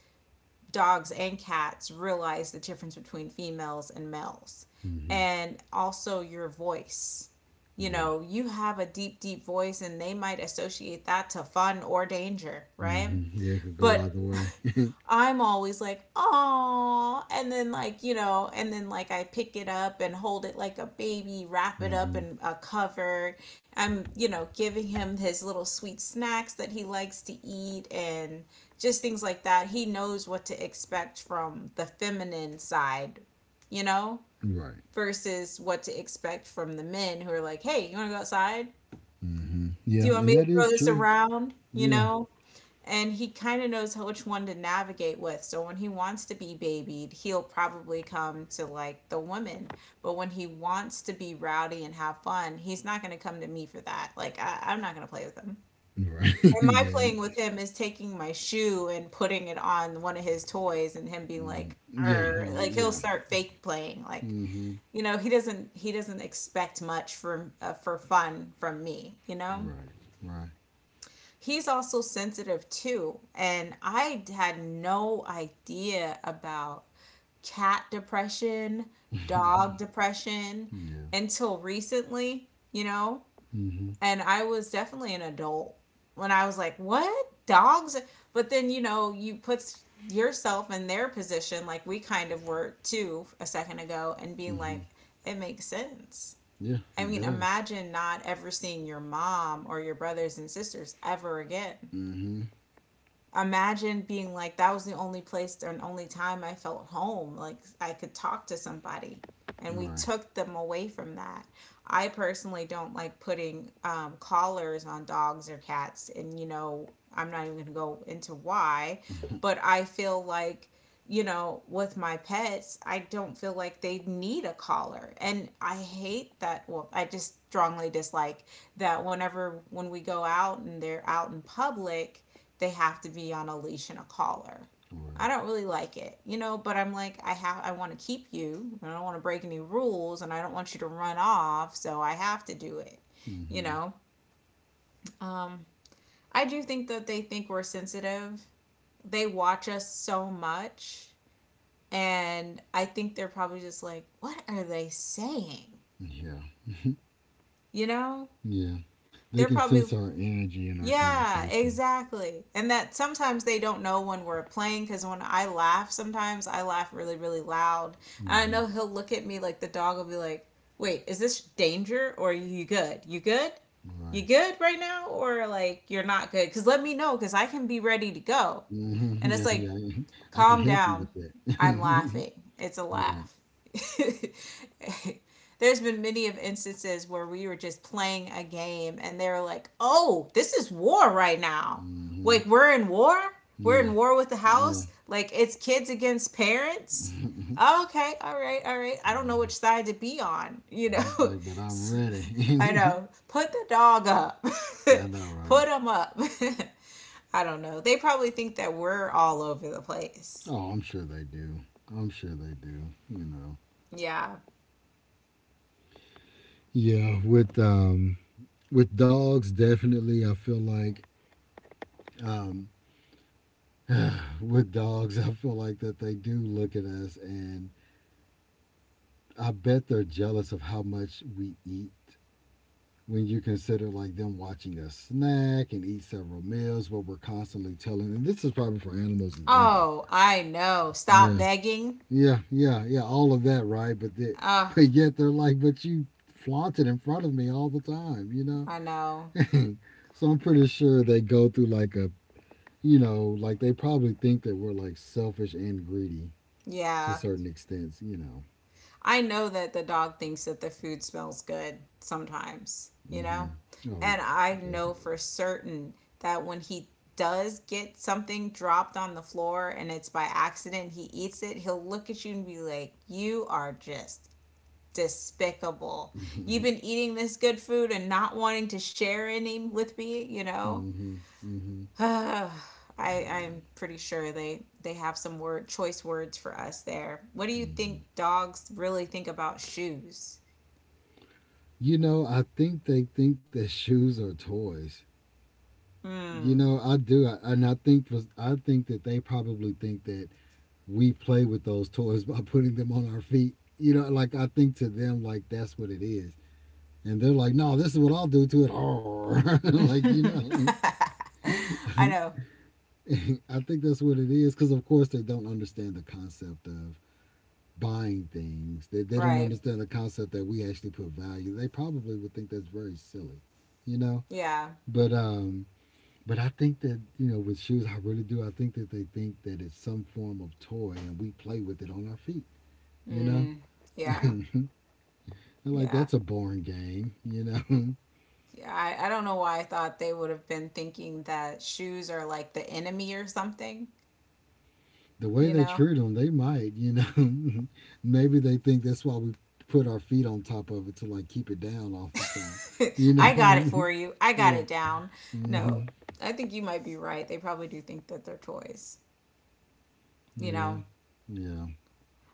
Speaker 1: dogs and cats realize the difference between females and males.
Speaker 2: Mm-hmm.
Speaker 1: And also your voice. You
Speaker 2: Yeah.
Speaker 1: know, you have a deep, deep voice, and they might associate that to fun or danger, right?
Speaker 2: Mm-hmm. Yeah, it could go
Speaker 1: But
Speaker 2: either way.
Speaker 1: I'm always like, oh, and then like, and then like I pick it up and hold it like a baby, wrap it up
Speaker 2: Mm-hmm.
Speaker 1: in a cover. I'm giving him his little sweet snacks that he likes to eat and just things like that. He knows what to expect from the feminine side, you know,
Speaker 2: Right.
Speaker 1: versus what to expect from the men who are like, hey, you want to go outside?
Speaker 2: Mm-hmm.
Speaker 1: Do
Speaker 2: Yeah,
Speaker 1: you want
Speaker 2: and
Speaker 1: me to
Speaker 2: that
Speaker 1: throw
Speaker 2: is
Speaker 1: this
Speaker 2: true.
Speaker 1: around? You
Speaker 2: Yeah.
Speaker 1: know? And he kind of knows how, which one to navigate with. So when he wants to be babied, he'll probably come to like the women. But when he wants to be rowdy and have fun, he's not going to come to me for that. Like I'm not going to play with him.
Speaker 2: Right.
Speaker 1: And my
Speaker 2: Yeah.
Speaker 1: playing with him is taking my shoe and putting it on one of his toys, and him being
Speaker 2: Mm. Yeah. Like
Speaker 1: Like he'll
Speaker 2: yeah.
Speaker 1: start fake playing. Like,
Speaker 2: Mm-hmm.
Speaker 1: he doesn't expect much from for fun from me. You know
Speaker 2: Right. Right.
Speaker 1: he's also sensitive too. And I had no idea about cat depression, dog depression
Speaker 2: Yeah.
Speaker 1: until recently, you know?
Speaker 2: Mm-hmm.
Speaker 1: And I was definitely an adult when I was like, what? Dogs? But then, you put yourself in their position, like we kind of were too a second ago, and being
Speaker 2: Mm-hmm.
Speaker 1: like, it makes sense.
Speaker 2: Yeah,
Speaker 1: I
Speaker 2: it
Speaker 1: mean,
Speaker 2: does.
Speaker 1: imagine not ever seeing your mom or your brothers and sisters ever again.
Speaker 2: Mm-hmm.
Speaker 1: Imagine being like that was the only place and only time I felt home. Like I could talk to somebody, and we
Speaker 2: Right.
Speaker 1: took them away from that. I personally don't like putting collars on dogs or cats, and I'm not even gonna go into why, but I feel like, with my pets, I don't feel like they need a collar. And I hate that. Well, I just strongly dislike that whenever when we go out and they're out in public, they have to be on a leash and a collar. I
Speaker 2: Right.
Speaker 1: don't really like it, you know, but I'm like I want to keep you. And I don't want to break any rules and I don't want you to run off, so I have to do it, you
Speaker 2: Mm-hmm.
Speaker 1: know. Um I do think that they think we're sensitive. They watch us so much, and I think they're probably just like, what are they saying?
Speaker 2: Yeah.
Speaker 1: You know?
Speaker 2: Yeah. They
Speaker 1: They're
Speaker 2: can
Speaker 1: probably,
Speaker 2: sense our energy in our
Speaker 1: yeah,
Speaker 2: conversations.
Speaker 1: exactly. And that sometimes they don't know when we're playing because when I laugh, sometimes I laugh really, really loud. And I
Speaker 2: Mm-hmm.
Speaker 1: know he'll look at me like the dog will be like, wait, is this danger or are you good? You good? You
Speaker 2: Right.
Speaker 1: good right now? Or like, you're not good? Because let me know because I can be ready to go.
Speaker 2: Mm-hmm.
Speaker 1: And it's
Speaker 2: Yeah.
Speaker 1: like,
Speaker 2: Yeah. I can
Speaker 1: Calm
Speaker 2: help you
Speaker 1: down.
Speaker 2: with that.
Speaker 1: I'm laughing. It's a
Speaker 2: Right.
Speaker 1: laugh. There's been many of instances where we were just playing a game and they were like, "Oh, this is war right now.
Speaker 2: Mm-hmm.
Speaker 1: Like we're in war. We're
Speaker 2: Yeah.
Speaker 1: in war with the
Speaker 2: Yeah.
Speaker 1: house. Like it's kids against parents." Oh, okay, all right, all right. I don't know which side to be on, you
Speaker 2: He's
Speaker 1: know.
Speaker 2: like, but I'm
Speaker 1: I
Speaker 2: ready.
Speaker 1: know. Put the dog up.
Speaker 2: Yeah, I know, right?
Speaker 1: Put him up. I don't know. They probably think that we're all over the place.
Speaker 2: Oh, I'm sure they do. I'm sure they do. You know.
Speaker 1: Yeah.
Speaker 2: Yeah, with dogs, definitely. I feel like um, with dogs, I feel like that they do look at us, and I bet they're jealous of how much we eat. When you consider like them watching us snack and eat several meals, where we're constantly telling, and this is probably for animals in general.
Speaker 1: Oh, I know. Stop
Speaker 2: Yeah,
Speaker 1: begging.
Speaker 2: yeah, yeah, yeah, all of that, right? But they,
Speaker 1: Oh,
Speaker 2: but yet they're like, but you flaunt it in front of me all the time.
Speaker 1: I know.
Speaker 2: So I'm pretty sure they go through like a, like they probably think that we're like selfish and greedy to
Speaker 1: Yeah.
Speaker 2: certain extents.
Speaker 1: I know that the dog thinks that the food smells good sometimes, you
Speaker 2: hmm
Speaker 1: know?
Speaker 2: Oh
Speaker 1: And
Speaker 2: yeah,
Speaker 1: I know for
Speaker 2: definitely.
Speaker 1: certain that when he does get something dropped on the floor and it's by accident, he eats it, he'll look at you and be like, you are just despicable. You've been eating this good food and not wanting to share any with me, you know?
Speaker 2: hmm hmm
Speaker 1: I,
Speaker 2: I know.
Speaker 1: I'm pretty sure they have some word choice words for us there. What do you
Speaker 2: hmm
Speaker 1: think dogs really think about shoes?
Speaker 2: You know, I think they think that shoes are toys. You
Speaker 1: Hmm.
Speaker 2: know, I, do, I, and I think for, I think that they probably think that we play with those toys by putting them on our feet. You know, like I think to them, like that's what it is. And they're like, no, this is what I'll do to it. Like, you know.
Speaker 1: I know,
Speaker 2: I think that's what it is. Because, of course, they don't understand the concept of buying things. They don't
Speaker 1: right.
Speaker 2: understand the concept that we actually put value. They probably would think that's very silly, you know?
Speaker 1: Yeah.
Speaker 2: But, um, but I think that, with shoes, I really do. I think that they think that it's some form of toy and we play with it on our feet, you know?
Speaker 1: Mm. Yeah.
Speaker 2: And like
Speaker 1: Yeah.
Speaker 2: that's a boring game.
Speaker 1: Yeah, I don't know why I thought they would have been thinking that shoes are like the enemy or something,
Speaker 2: The way
Speaker 1: you
Speaker 2: they
Speaker 1: know?
Speaker 2: treat them, they might. Maybe they think that's why we put our feet on top of it to like keep it down all the time, you know.
Speaker 1: I got it for you. I got
Speaker 2: Yeah.
Speaker 1: it down.
Speaker 2: hmm
Speaker 1: No, I think you might be right. They probably do think that they're toys. You
Speaker 2: Yeah.
Speaker 1: know,
Speaker 2: Yeah.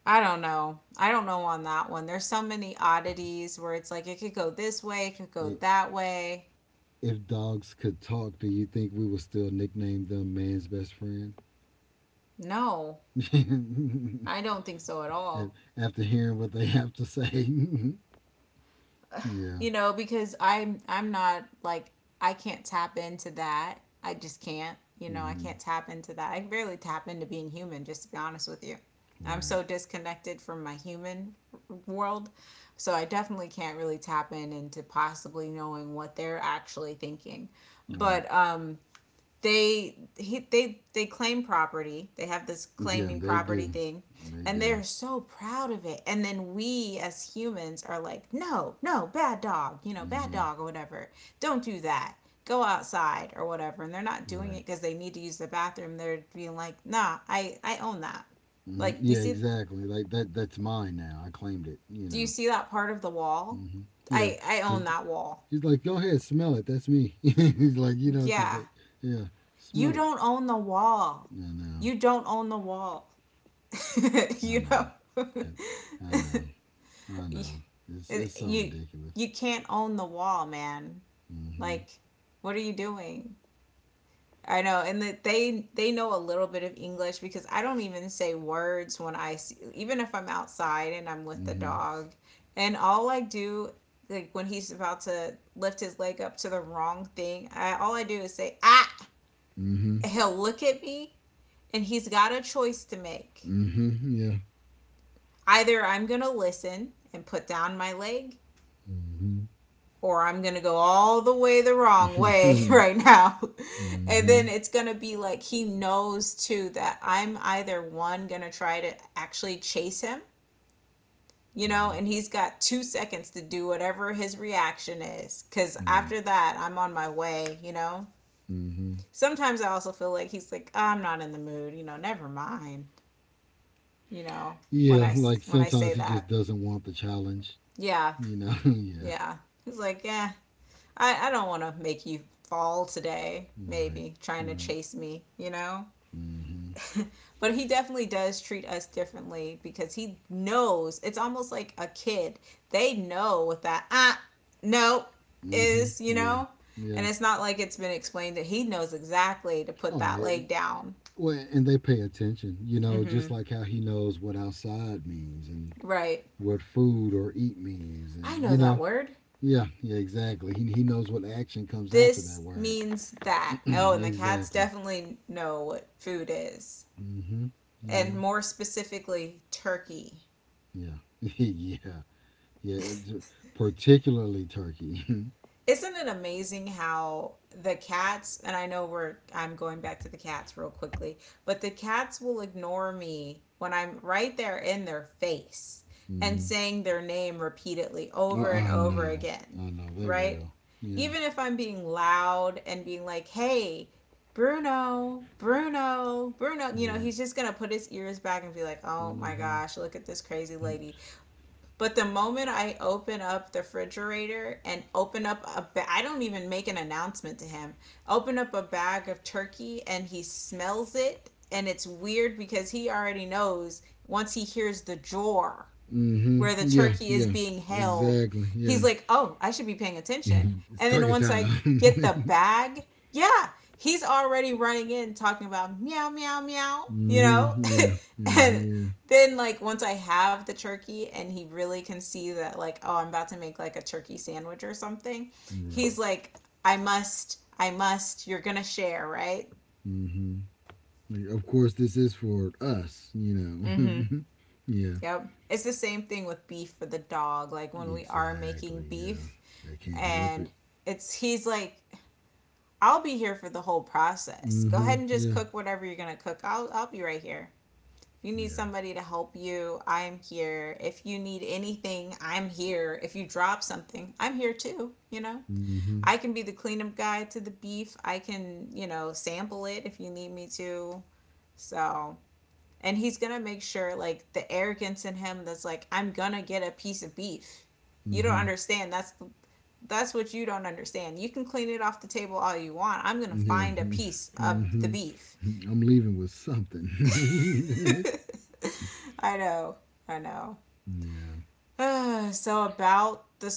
Speaker 1: I don't know. I don't know on that one. There's so many oddities where it's like it could go this way, it could go
Speaker 2: I
Speaker 1: that way.
Speaker 2: if dogs could talk, do you think we would still nickname them man's best friend?
Speaker 1: No, I don't think so at
Speaker 2: Af-
Speaker 1: all.
Speaker 2: After hearing what they have to say. Yeah.
Speaker 1: Because I'm not like I can't tap into that. I just can't. You know, I
Speaker 2: hmm
Speaker 1: can't tap into that. I barely tap into being human, just to be honest with you. I'm
Speaker 2: Right.
Speaker 1: so disconnected from my human world. So I definitely can't really tap in into possibly knowing what they're actually thinking.
Speaker 2: Right.
Speaker 1: But they claim property. They have this
Speaker 2: Yeah,
Speaker 1: claiming
Speaker 2: they
Speaker 1: property
Speaker 2: do.
Speaker 1: thing,
Speaker 2: They
Speaker 1: and
Speaker 2: do.
Speaker 1: they're so proud of it. And then we as humans are like, no, no, bad dog, bad
Speaker 2: hmm
Speaker 1: dog or whatever. Don't do that. Go outside or whatever. And they're not doing
Speaker 2: Right.
Speaker 1: it because they need to use the bathroom. They're being like, nah, I own that. Like you
Speaker 2: Yeah,
Speaker 1: see,
Speaker 2: exactly. Like that. That's mine now. I claimed it. You
Speaker 1: do you
Speaker 2: know.
Speaker 1: see that part of the wall?
Speaker 2: hmm Yeah.
Speaker 1: I
Speaker 2: He's,
Speaker 1: own that wall.
Speaker 2: he's like, go ahead, smell it. That's me. He's like, you know, because
Speaker 1: Yeah,
Speaker 2: that. Yeah,
Speaker 1: you
Speaker 2: smell it.
Speaker 1: don't own the wall.
Speaker 2: I know.
Speaker 1: You don't own the wall.
Speaker 2: I
Speaker 1: You
Speaker 2: know.
Speaker 1: know,
Speaker 2: I know. I
Speaker 1: you
Speaker 2: know. It's so
Speaker 1: you
Speaker 2: ridiculous.
Speaker 1: you can't own the wall, man.
Speaker 2: Hmm.
Speaker 1: Like, what are you doing? I know, and that they know a little bit of English because I don't even say words even if I'm outside and I'm with the
Speaker 2: Hmm.
Speaker 1: dog, and all I do like when he's about to lift his leg up to the wrong thing, I all I do is say ah.
Speaker 2: Hmm.
Speaker 1: He'll look at me, and he's got a choice to make.
Speaker 2: Hmm. Yeah.
Speaker 1: Either I'm gonna listen and put down my leg,
Speaker 2: Hmm.
Speaker 1: or I'm going to go all the way the wrong way right now. And
Speaker 2: Hmm.
Speaker 1: then it's going to be like he knows too that I'm either one going to try to actually chase him,
Speaker 2: Yeah.
Speaker 1: and he's got 2 seconds to do whatever his reaction is. Cause
Speaker 2: Right.
Speaker 1: after that, I'm on my way.
Speaker 2: Hmm.
Speaker 1: Sometimes I also feel like he's like, oh, I'm not in the mood, never mind, you know, when
Speaker 2: Yeah.
Speaker 1: I,
Speaker 2: Like,
Speaker 1: when I
Speaker 2: sometimes
Speaker 1: say
Speaker 2: he just
Speaker 1: that.
Speaker 2: doesn't want the challenge.
Speaker 1: Yeah.
Speaker 2: You know. Yeah.
Speaker 1: Yeah. He's like, yeah, I don't want to make you fall today,
Speaker 2: Right.
Speaker 1: maybe trying to
Speaker 2: Right.
Speaker 1: chase me, you know?
Speaker 2: Mm-hmm.
Speaker 1: But he definitely does treat us differently because he knows it's almost like a kid. They know what that ah no
Speaker 2: Mm-hmm.
Speaker 1: is, you
Speaker 2: Yeah.
Speaker 1: know? And
Speaker 2: Yeah.
Speaker 1: it's not like it's been explained that he knows exactly to
Speaker 2: Oh,
Speaker 1: put that
Speaker 2: yeah.
Speaker 1: leg down.
Speaker 2: Well, and they pay attention. You know,
Speaker 1: Mm-hmm.
Speaker 2: just like how he knows what outside means and
Speaker 1: Right.
Speaker 2: what food or eat means,
Speaker 1: I
Speaker 2: and you
Speaker 1: know that
Speaker 2: know.
Speaker 1: word.
Speaker 2: Yeah. Yeah. Exactly. He knows what action comes after that
Speaker 1: This
Speaker 2: word.
Speaker 1: means that. Oh, and the cats
Speaker 2: Exactly.
Speaker 1: definitely know what food is.
Speaker 2: Mm-hmm. You
Speaker 1: And
Speaker 2: know.
Speaker 1: more specifically, turkey.
Speaker 2: Yeah. Yeah. Yeah. It's particularly turkey.
Speaker 1: Isn't it amazing how the cats, and I know I'm going back to the cats real quickly, but the cats will ignore me when I'm right there in their face and
Speaker 2: Mm-hmm.
Speaker 1: saying their name repeatedly
Speaker 2: I,
Speaker 1: over and
Speaker 2: I
Speaker 1: over
Speaker 2: know.
Speaker 1: again,
Speaker 2: I know. They
Speaker 1: right?
Speaker 2: will. Yeah.
Speaker 1: Even if I'm being loud and being like, hey, Bruno, Bruno, Bruno,
Speaker 2: Right.
Speaker 1: he's just going to put his ears back and be like, oh my
Speaker 2: Mm-hmm.
Speaker 1: gosh, look at this crazy lady. But the moment I open up the refrigerator and open up a ba- I don't even make an announcement to him. Open up a bag of turkey and he smells it, and it's weird because he already knows once he hears the jar where the
Speaker 2: Mm-hmm. Yeah,
Speaker 1: turkey is
Speaker 2: yeah.
Speaker 1: being held,
Speaker 2: Exactly.
Speaker 1: he's
Speaker 2: Yeah.
Speaker 1: like, oh, I should be paying attention.
Speaker 2: It's
Speaker 1: And then
Speaker 2: turkey
Speaker 1: once I get the
Speaker 2: time.
Speaker 1: bag, yeah, he's already running in talking about meow, meow, meow, you know?
Speaker 2: Mm-hmm. Yeah. Yeah.
Speaker 1: And
Speaker 2: Yeah.
Speaker 1: then, like, once I have the turkey and he really can see that, like, oh, I'm about to make like a turkey sandwich or something, he's
Speaker 2: Right.
Speaker 1: like, I must, you're gonna share, right?
Speaker 2: Mm-hmm. Like, of course, this is for us, you
Speaker 1: Mm-hmm.
Speaker 2: know. Yeah.
Speaker 1: Yep. It's the same thing with beef for the dog. Like when we are making
Speaker 2: Exactly. Yeah.
Speaker 1: beef,
Speaker 2: They can't help
Speaker 1: and
Speaker 2: it.
Speaker 1: it's he's like, I'll be here for the whole process, go
Speaker 2: Mm-hmm.
Speaker 1: ahead and just
Speaker 2: Yeah.
Speaker 1: cook whatever you're gonna cook, I'll be right here if you need
Speaker 2: Yeah.
Speaker 1: somebody to help you. I'm here if you need anything. I'm here if you drop something. I'm here too, you know,
Speaker 2: Mm-hmm.
Speaker 1: I can be the cleanup guy to the beef. I can, you know, sample it if you need me to. So and he's gonna make sure like the arrogance in him that's like, I'm gonna get a piece of beef. You don't
Speaker 2: Mm-hmm.
Speaker 1: understand. That's what you don't understand. You can clean it off the table all you want. I'm going to
Speaker 2: Yeah.
Speaker 1: find a piece of the
Speaker 2: Mm-hmm.
Speaker 1: beef.
Speaker 2: I'm leaving with something.
Speaker 1: I know. I know.
Speaker 2: Yeah.
Speaker 1: So about the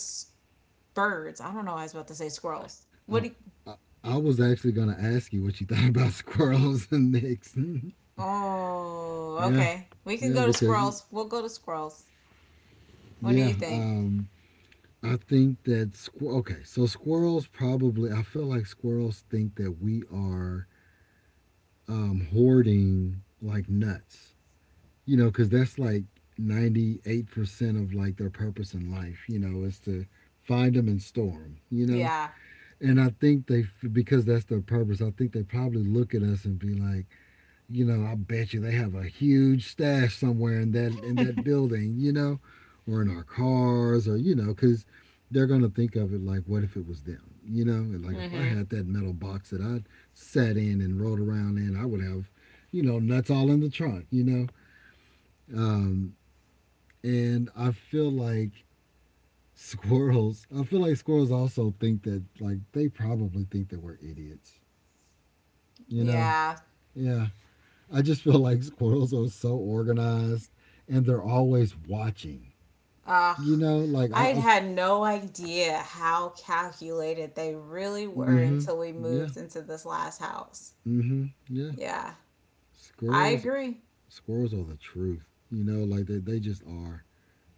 Speaker 1: birds. I don't know. I was about to say squirrels.
Speaker 2: Oh,
Speaker 1: What do you?
Speaker 2: I, I was actually gonna ask you what you thought about squirrels and nicks.
Speaker 1: Oh,
Speaker 2: Yeah,
Speaker 1: okay. We can
Speaker 2: yeah,
Speaker 1: go to
Speaker 2: because you,
Speaker 1: squirrels. We'll go to squirrels. What do
Speaker 2: yeah,
Speaker 1: you think?
Speaker 2: I think that okay, so squirrels probably. I feel like squirrels think that we are hoarding like nuts. You know, because that's like 98% of like their purpose in life. You know, is to find them and store them. You know,
Speaker 1: Yeah.
Speaker 2: and I think they because that's their purpose. I think they probably look at us and be like, I bet you they have a huge stash somewhere in that building, or in our cars, or because they're gonna think of it like, what if it was them, and like if I
Speaker 1: Mm-hmm.
Speaker 2: had that metal box that I sat in and rode around in, I would have, nuts all in the trunk, um, and I feel like squirrels, I feel like squirrels also think that like they probably think that we're idiots, you know,
Speaker 1: Yeah.
Speaker 2: yeah. I just feel like squirrels are so organized and they're always watching.
Speaker 1: Ugh.
Speaker 2: You know, like I,
Speaker 1: I
Speaker 2: I've,
Speaker 1: had no idea how calculated they really were
Speaker 2: mm-hmm,
Speaker 1: until we
Speaker 2: yeah,
Speaker 1: moved into this last house.
Speaker 2: mm-hmm, yeah.
Speaker 1: Yeah, I
Speaker 2: Squirrels,
Speaker 1: agree.
Speaker 2: squirrels are the truth. Like they just are.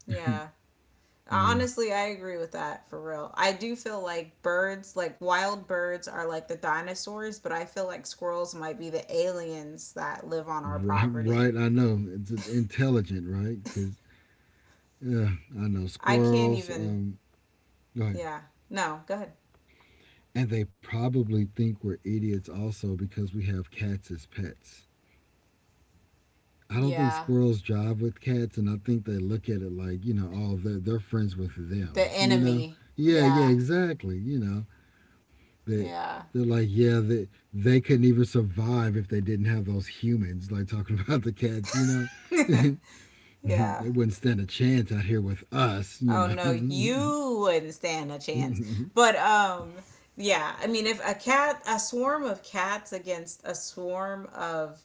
Speaker 1: Yeah.
Speaker 2: Yeah,
Speaker 1: Honestly, I agree with that for real. I do feel like birds, like wild birds, are like the dinosaurs, but I feel like squirrels might be the aliens that live on our
Speaker 2: right,
Speaker 1: property.
Speaker 2: right. I know it's intelligent, right? Because yeah, I know
Speaker 1: I can't
Speaker 2: squirrels.
Speaker 1: even,
Speaker 2: Go ahead.
Speaker 1: yeah. No, go ahead.
Speaker 2: And they probably think we're idiots also because we have cats as pets. I don't think
Speaker 1: Yeah.
Speaker 2: squirrels jive with cats, and I think they look at it like, oh, they're friends with
Speaker 1: The
Speaker 2: them, you know?
Speaker 1: enemy.
Speaker 2: Yeah, yeah,
Speaker 1: Yeah.
Speaker 2: exactly. That
Speaker 1: Yeah.
Speaker 2: they're like, yeah, that they, couldn't even survive if they didn't have those humans, like talking about the cats, you know?
Speaker 1: Yeah.
Speaker 2: They wouldn't stand a chance out here with us, you
Speaker 1: Oh no,
Speaker 2: know?
Speaker 1: you wouldn't stand a chance. But yeah, I mean if a cat a swarm of cats against a swarm of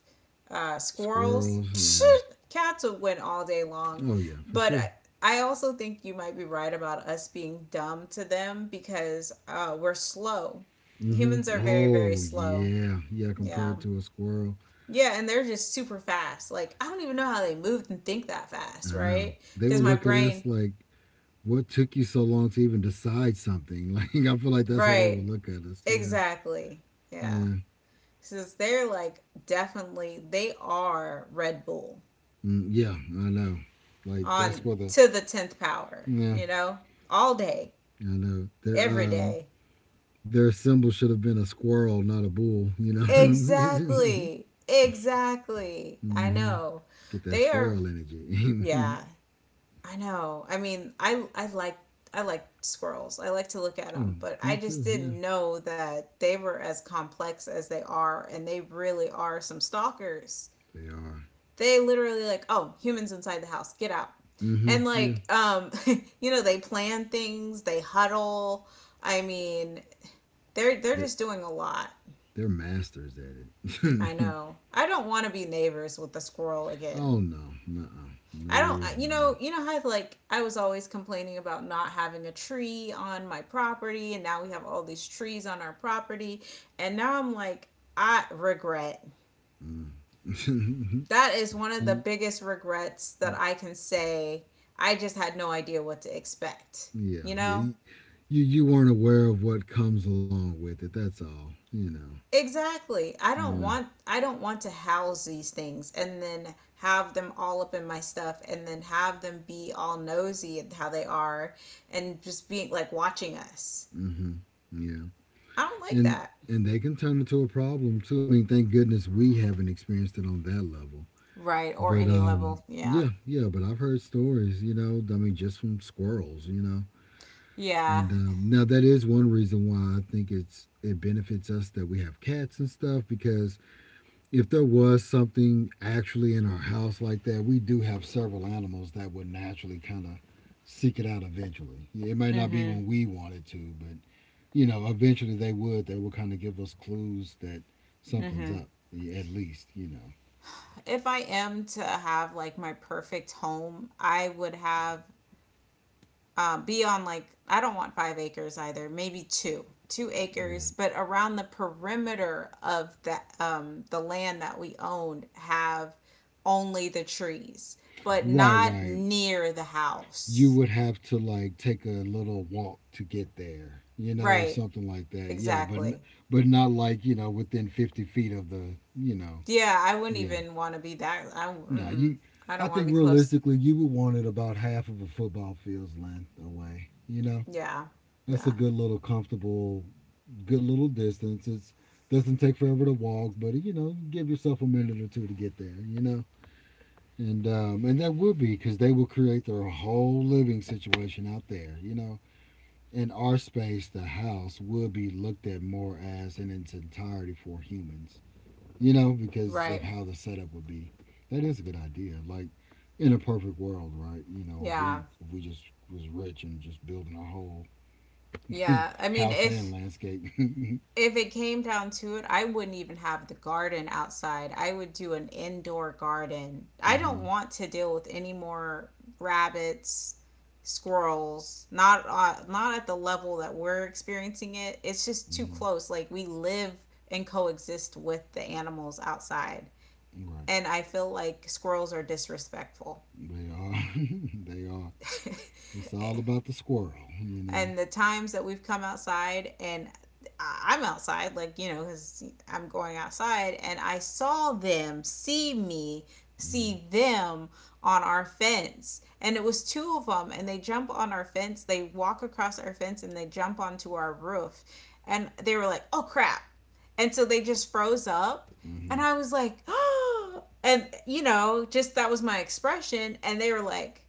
Speaker 1: squirrels,
Speaker 2: Squirrels,
Speaker 1: psh,
Speaker 2: yeah.
Speaker 1: cats would win all day long.
Speaker 2: Oh, yeah, for
Speaker 1: But
Speaker 2: sure.
Speaker 1: I also think you might be right about us being dumb to them because we're slow.
Speaker 2: Hmm.
Speaker 1: Humans are very
Speaker 2: Oh,
Speaker 1: slow.
Speaker 2: yeah. Yeah,
Speaker 1: Yeah.
Speaker 2: compared to a squirrel.
Speaker 1: Yeah, and they're just super fast. Like I don't even know how they move and think that fast,
Speaker 2: I know.
Speaker 1: right?
Speaker 2: They
Speaker 1: Because
Speaker 2: would
Speaker 1: my
Speaker 2: look at
Speaker 1: brain.
Speaker 2: us like, what took you so long to even decide something? Like I feel like that's how they would
Speaker 1: Right.
Speaker 2: look at us. Yeah,
Speaker 1: Exactly. Yeah.
Speaker 2: yeah,
Speaker 1: Since they're like definitely they are Red Bull
Speaker 2: mm, yeah. I know. Like that's
Speaker 1: on
Speaker 2: where the.
Speaker 1: to the 10th power,
Speaker 2: Yeah.
Speaker 1: you know? All day,
Speaker 2: I know their
Speaker 1: every
Speaker 2: um
Speaker 1: day.
Speaker 2: their symbol should have been a squirrel, not a bull. You know.
Speaker 1: Exactly. Exactly. I
Speaker 2: Hmm.
Speaker 1: know.
Speaker 2: Get that
Speaker 1: They are,
Speaker 2: squirrel energy.
Speaker 1: yeah, I know. I mean, I like I like squirrels. I like to look at
Speaker 2: Oh,
Speaker 1: them, but I
Speaker 2: me
Speaker 1: just
Speaker 2: too. Yeah,
Speaker 1: didn't know that they were as complex as they are and they really are some stalkers.
Speaker 2: they are.
Speaker 1: They literally like, oh, humans inside the house, get out.
Speaker 2: Hmm.
Speaker 1: And
Speaker 2: Yeah,
Speaker 1: like, you know, they plan things, they huddle. I mean, they're
Speaker 2: they're,
Speaker 1: just doing a lot.
Speaker 2: they're masters at it.
Speaker 1: I know. I don't want to be neighbors with the squirrel
Speaker 2: Oh
Speaker 1: again.
Speaker 2: no, no,
Speaker 1: I don't,
Speaker 2: no, no.
Speaker 1: you know how like I was always complaining about not having a tree on my property and now we have all these trees on our property and now I'm like I regret
Speaker 2: Mm.
Speaker 1: that is one of the biggest regrets that I can say. I just had no idea what to expect.
Speaker 2: Yeah,
Speaker 1: You know?
Speaker 2: yeah. You weren't aware of what comes along with it. That's all. You know.
Speaker 1: Exactly.
Speaker 2: Yeah.
Speaker 1: I don't want to house these things and then have them all up in my stuff and then have them be all nosy at how they are and just being like watching us.
Speaker 2: Mm-hmm. Yeah.
Speaker 1: I don't like
Speaker 2: And
Speaker 1: that.
Speaker 2: and they can turn into a problem too. I mean, thank goodness we haven't experienced it on that level.
Speaker 1: Right, or
Speaker 2: But
Speaker 1: any level. Yeah.
Speaker 2: yeah, yeah. But I've heard stories. You know, I mean, just from squirrels. You know.
Speaker 1: Yeah.
Speaker 2: And now that is one reason why I think it's it benefits us that we have cats and stuff because if there was something actually in our house like that, we do have several animals that would naturally kind of seek it out eventually. Yeah, it might not be
Speaker 1: Mhm.
Speaker 2: when we wanted to, but eventually they would. They would kind of give us clues that something's
Speaker 1: Mhm.
Speaker 2: up, at least, you know.
Speaker 1: If I am to have like my perfect home, I would have be on like I don't want 5 acres either, maybe two
Speaker 2: Right.
Speaker 1: acres, but around the perimeter of the land that we own have only the trees, but
Speaker 2: Right,
Speaker 1: not
Speaker 2: right.
Speaker 1: near the
Speaker 2: You
Speaker 1: house.
Speaker 2: would have to like take a little walk to get there, or
Speaker 1: Right?
Speaker 2: something like that. Yeah, but n-
Speaker 1: Exactly.
Speaker 2: but not like, within 50 feet of the,
Speaker 1: Yeah, I wouldn't
Speaker 2: yeah.
Speaker 1: even want to be that. I
Speaker 2: Nah,
Speaker 1: mm-mm.
Speaker 2: you.
Speaker 1: I
Speaker 2: I
Speaker 1: don't want
Speaker 2: think
Speaker 1: to be close.
Speaker 2: realistically, you would want it about half of a football field's length away.
Speaker 1: Yeah.
Speaker 2: That's a
Speaker 1: Yeah.
Speaker 2: good little comfortable, good little distance. It's Doesn't take forever to walk, but give yourself a minute or two to get there. And that would be because they will create their whole living situation out there. In our space, the house would be looked at more as in its entirety for humans because of
Speaker 1: Right.
Speaker 2: how the setup would be. That is a good idea. Like in a perfect world, right? You know, if
Speaker 1: Yeah.
Speaker 2: we if we just was rich and just building a whole
Speaker 1: Yeah. I mean,
Speaker 2: house and landscape. Hmm.
Speaker 1: if it came down to it, I wouldn't even have the garden outside. I would do an indoor garden. I don't want to deal with any more rabbits, squirrels. Not not at the level that we're experiencing it. It's just too
Speaker 2: Hmm.
Speaker 1: close. Like we live and coexist with the animals outside.
Speaker 2: Right.
Speaker 1: And I feel like squirrels are disrespectful.
Speaker 2: They are. They are. It's all about the squirrel, you know.
Speaker 1: And the times that we've come outside and I'm outside, like, you know, because I'm going outside, and I saw them see me,
Speaker 2: Hmm.
Speaker 1: see them on our fence. And it was two of them, and they jump on our fence, they walk across our fence, and they jump onto our roof. And they were like, oh crap. And so they just froze up. And
Speaker 2: Hmm.
Speaker 1: I was like, oh, and, you know, just that was my expression. And they were like,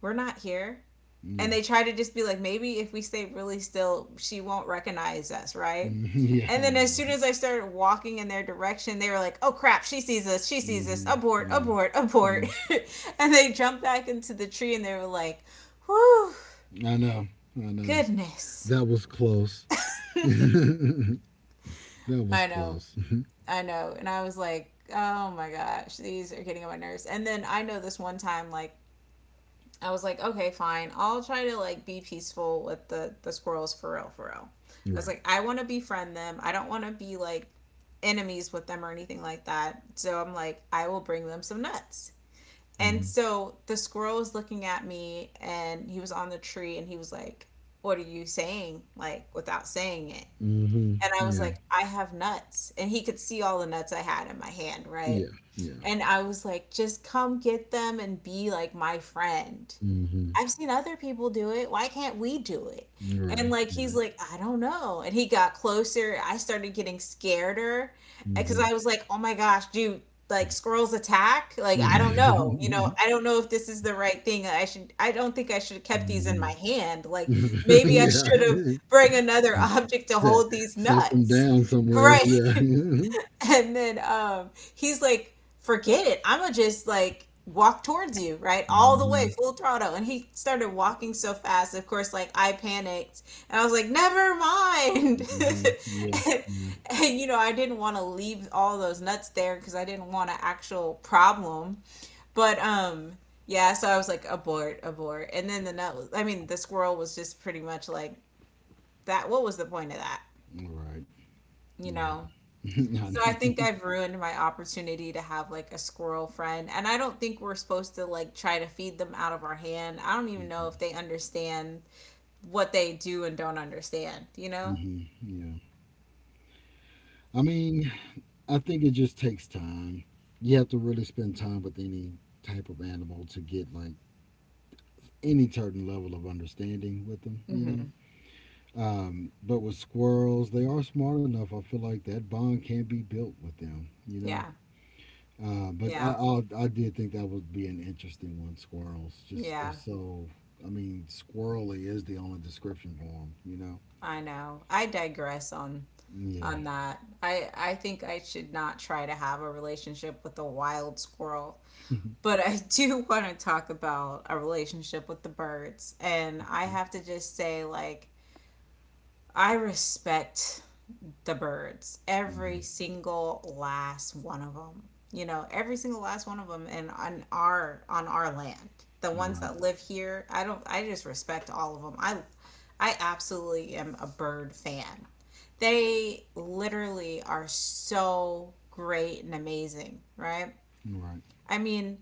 Speaker 1: we're not here.
Speaker 2: Yeah.
Speaker 1: And they try to just be like, maybe if we stay really still, she won't recognize us, right?
Speaker 2: Mhm. Yeah,
Speaker 1: And
Speaker 2: I
Speaker 1: then
Speaker 2: know,
Speaker 1: as soon
Speaker 2: right?
Speaker 1: as I started walking in their direction, they were like, oh crap, she sees us,
Speaker 2: Hmm.
Speaker 1: abort,
Speaker 2: Yeah.
Speaker 1: abort, abort.
Speaker 2: Mm.
Speaker 1: And they jumped back into the tree and they were like, whew,
Speaker 2: I know. I know.
Speaker 1: goodness.
Speaker 2: That was close. That was
Speaker 1: I know,
Speaker 2: close.
Speaker 1: I know. And I was like, oh my gosh, these are getting on my nerves. And then I know this one time, like, I was like, okay, fine. I'll try to like be peaceful with the squirrels for real, for real. I was
Speaker 2: Right.
Speaker 1: like, I want to befriend them. I don't want to be like enemies with them or anything like that. So I'm like, I will bring them some nuts. And
Speaker 2: Mm-hmm.
Speaker 1: so the squirrel was looking at me and he was on the tree and he was like, what are you saying? Like, without saying it.
Speaker 2: Mm-hmm.
Speaker 1: And I was
Speaker 2: Yeah.
Speaker 1: like, I have nuts. And he could see all the nuts I had in my hand, right?
Speaker 2: Yeah. Yeah.
Speaker 1: And I was like, just come get them and be like my friend.
Speaker 2: Mm-hmm.
Speaker 1: I've seen other people do it. Why can't we do it? And
Speaker 2: Right.
Speaker 1: like he's
Speaker 2: Right.
Speaker 1: like, I don't know. And he got closer. I started getting scareder because
Speaker 2: Mm-hmm.
Speaker 1: I was like, oh my gosh, dude, like squirrels attack. Like I don't know. You know, I don't know if this is the right thing. I should. I don't think I should have kept these in my hand. Like
Speaker 2: Mm-hmm.
Speaker 1: maybe I should have
Speaker 2: Yeah.
Speaker 1: bring another object to
Speaker 2: Set
Speaker 1: hold these
Speaker 2: set them
Speaker 1: nuts.
Speaker 2: down somewhere.
Speaker 1: Right.
Speaker 2: Yeah.
Speaker 1: And then he's like, forget it, I'm gonna just like walk towards you, right, all the way
Speaker 2: Mm-hmm.
Speaker 1: full throttle, and he started walking so fast, of course, like I panicked and I was like, never mind.
Speaker 2: Mm-hmm. Yeah.
Speaker 1: and,
Speaker 2: Yeah.
Speaker 1: and, you know, I didn't want to leave all those nuts there because I didn't want an actual problem, but yeah, so I was like, abort, abort. And then the nut was, I mean, the squirrel was just pretty much like, that, what was the point of that,
Speaker 2: All right.
Speaker 1: you
Speaker 2: Yeah.
Speaker 1: know?
Speaker 2: I
Speaker 1: So I
Speaker 2: know.
Speaker 1: think I've ruined my opportunity to have like a squirrel friend. And I don't think we're supposed to like try to feed them out of our hand. I don't even know if they understand what they do and don't understand, you know?
Speaker 2: Mm-hmm. Yeah. I mean, I think it just takes time. You have to really spend time with any type of animal to get like any certain level of understanding with them, you know?
Speaker 1: Hmm.
Speaker 2: But with squirrels, they are smart enough. I feel like that bond can be built with them.
Speaker 1: Yeah.
Speaker 2: But I,
Speaker 1: Yeah.
Speaker 2: I, I did think that would be an interesting one. Squirrels, just they're
Speaker 1: Yeah.
Speaker 2: so. I mean, squirrely is the only description for them.
Speaker 1: I know. I digress on
Speaker 2: Yeah.
Speaker 1: that. I think I should not try to have a relationship with a wild squirrel. But I do want to talk about a relationship with the birds. And I have to just say like I respect the birds, every
Speaker 2: Hmm.
Speaker 1: single last one of them. You know, every single last one of them, and on our land, the ones
Speaker 2: Right.
Speaker 1: that live here. I don't. I just respect all of them. I absolutely am a bird fan. They literally are so great and amazing, right?
Speaker 2: Right.
Speaker 1: I mean,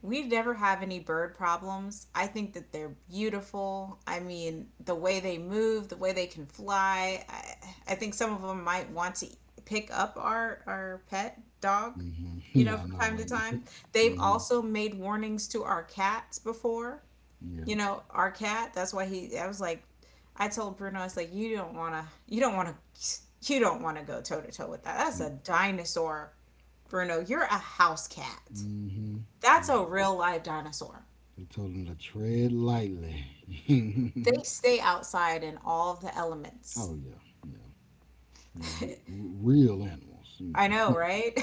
Speaker 1: we never have any bird problems. I think that they're beautiful. I mean, the way they move, the way they can fly. I think some of them might want to pick up our pet dog,
Speaker 2: Hmm.
Speaker 1: you know,
Speaker 2: Yeah, I
Speaker 1: from
Speaker 2: know,
Speaker 1: time to
Speaker 2: right.
Speaker 1: time. They've
Speaker 2: Hmm.
Speaker 1: also made warnings to our cats before.
Speaker 2: Yeah.
Speaker 1: You know, our cat, that's why he, I was like, I told Bruno, I was like, you don't want to go toe to toe with that. That's a dinosaur, Bruno. You're a house cat.
Speaker 2: Mm-hmm.
Speaker 1: That's
Speaker 2: They
Speaker 1: a real live dinosaur.
Speaker 2: they told him to tread lightly.
Speaker 1: They stay outside in all the elements.
Speaker 2: Oh yeah, yeah. You're real animals.
Speaker 1: I know, right?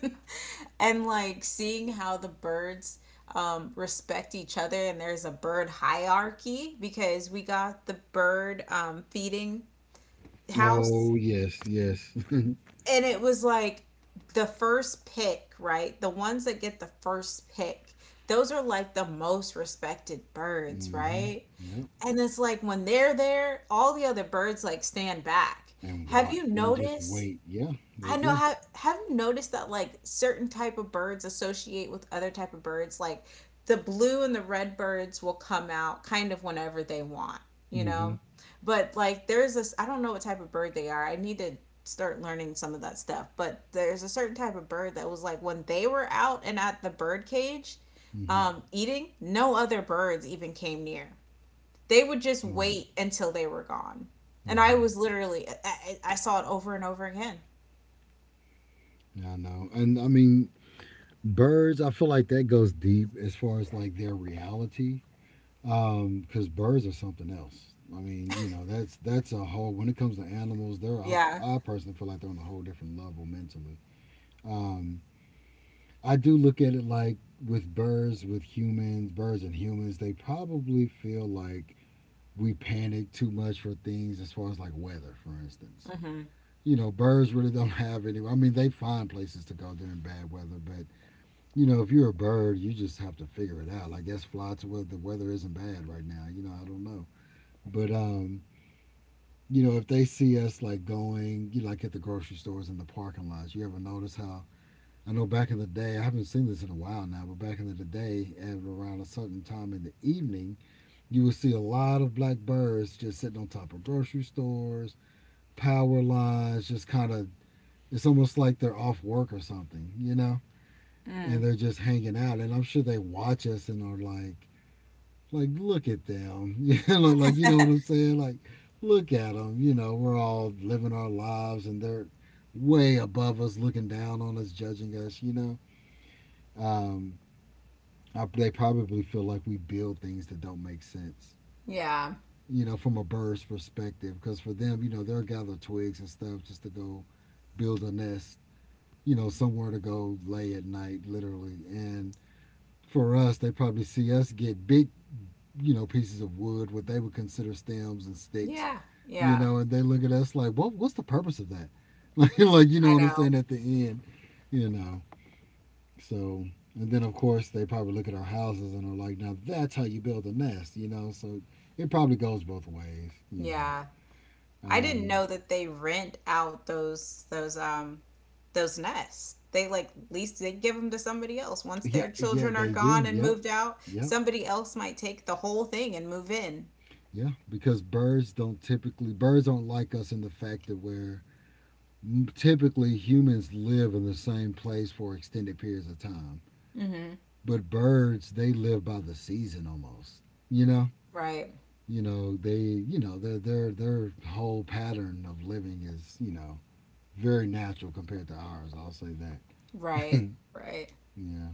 Speaker 1: And like seeing how the birds respect each other and there's a bird hierarchy because we got the bird feeding house
Speaker 2: Oh yes, yes.
Speaker 1: and it was like the first pick, right? The ones that get the first pick, those are like the most respected birds,
Speaker 2: Hmm.
Speaker 1: right?
Speaker 2: Yep.
Speaker 1: And it's like when they're there, all the other birds like stand back.
Speaker 2: And
Speaker 1: Have
Speaker 2: watch
Speaker 1: you
Speaker 2: and just
Speaker 1: noticed?
Speaker 2: wait. Yeah, they
Speaker 1: I know,
Speaker 2: do.
Speaker 1: have you noticed that like certain type of birds associate with other type of birds? Like the blue and the red birds will come out kind of whenever they want, you
Speaker 2: Hmm.
Speaker 1: know? But like there's this I don't know what type of bird they are. I need to start learning some of that stuff. But there's a certain type of bird that was like when they were out and at the bird cage
Speaker 2: Hmm.
Speaker 1: eating, no other birds even came near. They would just
Speaker 2: Right.
Speaker 1: wait until they were gone. And I
Speaker 2: Hmm.
Speaker 1: was literally, I saw it over and over again.
Speaker 2: Yeah, I know. And I mean, birds. I feel like that goes deep as far as like their reality, because birds are something else. I mean, that's a whole. When it comes to animals, they're I,
Speaker 1: Yeah.
Speaker 2: I personally feel like they're on a whole different level mentally. Um, I do look at it like with birds, with humans, birds and humans, they probably feel like we panic too much for things as far as like weather, for instance.
Speaker 1: Mm-hmm.
Speaker 2: Birds really don't have any. I mean, they find places to go during bad weather, but if you're a bird, you just have to figure it out. I guess fly to where the weather isn't bad right now. I don't know, but if they see us like going, like at the grocery stores and the parking lots, you ever notice how? I know back in the day, I haven't seen this in a while now, but back in the day, at around a certain time in the evening, you would see a lot of black birds just sitting on top of grocery stores power lines just kind of it's almost like they're off work or something, you know? And
Speaker 1: Mm.
Speaker 2: they're just hanging out and I'm sure they watch us and are like look at them. Like you know what I'm saying? Like look at them, we're all living our lives and they're way above us looking down on us, judging us, you know? Um they probably feel like we build things that don't make sense,
Speaker 1: Yeah.
Speaker 2: from a bird's perspective. Because for them, they'll gather twigs and stuff just to go build a nest somewhere to go lay at night, literally. And for us, they probably see us get big, pieces of wood, what they would consider stems and sticks,
Speaker 1: Yeah. Yeah.
Speaker 2: and they look at us like, what's the purpose of that? Like, you know
Speaker 1: I
Speaker 2: what I'm
Speaker 1: know.
Speaker 2: saying? At the end, you know, so, and then of course they probably look at our houses and are like, now that's how you build a nest, so it probably goes both ways.
Speaker 1: Yeah. I didn't
Speaker 2: Um,
Speaker 1: know that they rent out those those nests. They like lease. They give them to somebody else. Once
Speaker 2: yeah,
Speaker 1: their
Speaker 2: yeah,
Speaker 1: children are
Speaker 2: they do.
Speaker 1: gone and
Speaker 2: Yep.
Speaker 1: moved out,
Speaker 2: Yep.
Speaker 1: somebody else might take the whole thing and move in.
Speaker 2: Yeah, because birds don't like us in the fact that we're typically humans live in the same place for extended periods of time. But birds, they live by the season almost. You know,
Speaker 1: Right.
Speaker 2: you know they, you know their whole pattern of living is very natural compared to ours. I'll say that.
Speaker 1: Right. Right.
Speaker 2: Yeah.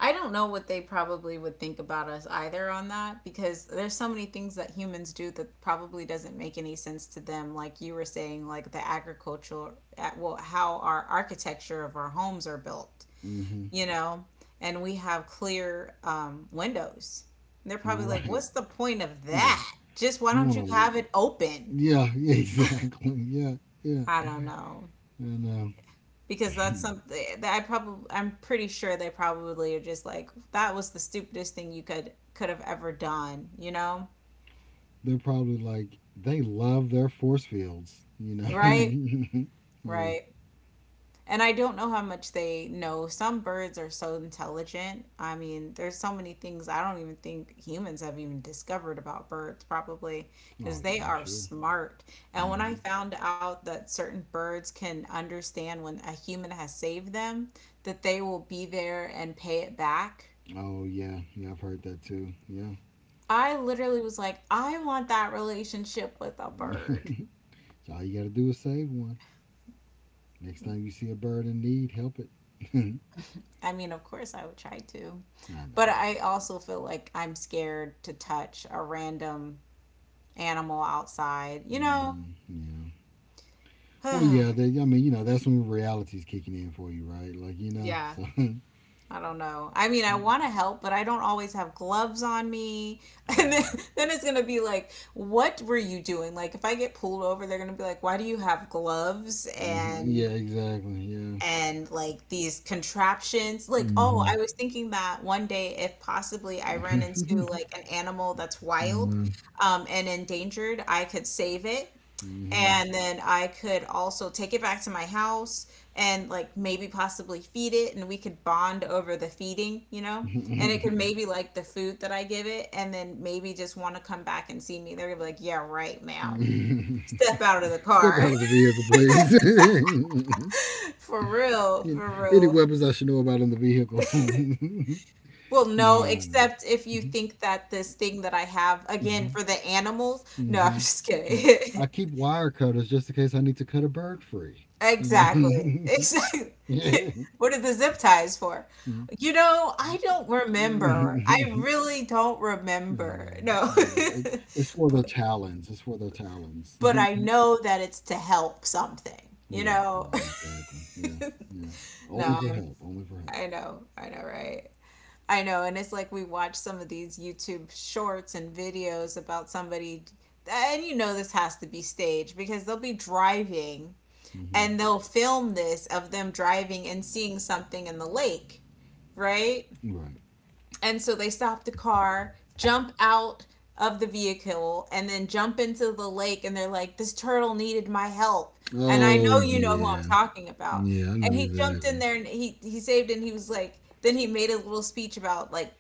Speaker 1: I don't know what they probably would think about us either on that, because there's so many things that humans do that probably doesn't make any sense to them. Like you were saying, like the agricultural, well, how our architecture of our homes are built,
Speaker 2: Mm-hmm.
Speaker 1: you know, and we have clear windows. And they're probably like,
Speaker 2: Right.
Speaker 1: what's the point of
Speaker 2: Yeah.
Speaker 1: that? Just why
Speaker 2: You
Speaker 1: don't
Speaker 2: want
Speaker 1: you
Speaker 2: to.
Speaker 1: have it open?
Speaker 2: Yeah. Exactly. Yeah. Yeah.
Speaker 1: I don't know.
Speaker 2: And um,
Speaker 1: Because that's something that I probably, I'm pretty sure they probably are just like that was the stupidest thing you could have ever done, you know?
Speaker 2: they're probably like they love their force fields, you
Speaker 1: Right?
Speaker 2: know. Yeah.
Speaker 1: Right. And I don't know how much they know. Some birds are so intelligent. I mean, there's so many things I don't even think humans have even discovered about birds, probably,
Speaker 2: Oh
Speaker 1: because
Speaker 2: yeah,
Speaker 1: they
Speaker 2: I'm
Speaker 1: are
Speaker 2: sure.
Speaker 1: smart. And when I
Speaker 2: Mm-hmm.
Speaker 1: found out that certain birds can understand when a human has saved them, that they will be there and pay it back,
Speaker 2: Oh yeah, yeah, I've heard that too. Yeah.
Speaker 1: I literally was like, I want that relationship with a bird.
Speaker 2: So all you got to do is save one. Next time you see a bird in need, help it. I
Speaker 1: I mean, of course, I would try to,
Speaker 2: know
Speaker 1: but
Speaker 2: you
Speaker 1: I
Speaker 2: will.
Speaker 1: also feel like I'm scared to touch a random animal outside, you know?
Speaker 2: Hmm. Yeah. Well, yeah. I mean, that's when reality's kicking in for you, right?
Speaker 1: Yeah.
Speaker 2: So I
Speaker 1: I don't know. I mean, I want to help, but I don't always have gloves on me. And
Speaker 2: know.
Speaker 1: then it's going to be like, what were you doing? Like, if I get pulled over, they're going to be like, why do you have gloves?
Speaker 2: Hmm. Yeah. Exactly. Yeah.
Speaker 1: And like these contraptions. Like, oh,
Speaker 2: Mm-hmm.
Speaker 1: I was thinking that one day, if possibly I ran into like an animal that's
Speaker 2: I
Speaker 1: wild
Speaker 2: know.
Speaker 1: and endangered, I could save it.
Speaker 2: Mm-hmm.
Speaker 1: And then I could also take it back to my house and like maybe possibly feed it, and we could bond over the feeding, you know? And it could maybe like the food that I give it, and then maybe just want to come back and see me. They're gonna be like, yeah, right, ma'am. Step out of the
Speaker 2: Step
Speaker 1: car.
Speaker 2: out of the vehicle, please.
Speaker 1: For real, for
Speaker 2: Any
Speaker 1: real.
Speaker 2: weapons I should know about in the vehicle? No,
Speaker 1: Well, no,
Speaker 2: no.
Speaker 1: except if you think that this thing that I have, again,
Speaker 2: Hmm.
Speaker 1: for the animals. No, I'm
Speaker 2: Hmm.
Speaker 1: just
Speaker 2: I
Speaker 1: kidding.
Speaker 2: keep wire cutters just in case I need to cut a bird free. You
Speaker 1: Exactly.
Speaker 2: know.
Speaker 1: Exactly.
Speaker 2: Yeah.
Speaker 1: What are the zip ties for? You know, I don't remember. I really don't
Speaker 2: I
Speaker 1: remember.
Speaker 2: know.
Speaker 1: No.
Speaker 2: I know. It's for their talons. It's for their talons.
Speaker 1: But I know that it's to help something, you
Speaker 2: Right.
Speaker 1: know?
Speaker 2: Right. Exactly. Yeah. Yeah. Only
Speaker 1: No,
Speaker 2: for
Speaker 1: I'm,
Speaker 2: help. Only for help.
Speaker 1: I know. I know, right? I know, and it's like we watch some of these YouTube shorts and videos about somebody, and you know this has to be staged because they'll be driving
Speaker 2: Hmm.
Speaker 1: and they'll film this of them driving and seeing something in the lake, right?
Speaker 2: Right.
Speaker 1: And so they stop the car, jump out of the vehicle, and then jump into the lake, and they're like, this turtle needed my help. And I
Speaker 2: Oh
Speaker 1: know you know who I'm
Speaker 2: yeah.
Speaker 1: talking about.
Speaker 2: Yeah. I know
Speaker 1: And he jumped in
Speaker 2: exactly.
Speaker 1: there and he saved and he was like, then he made a little speech about like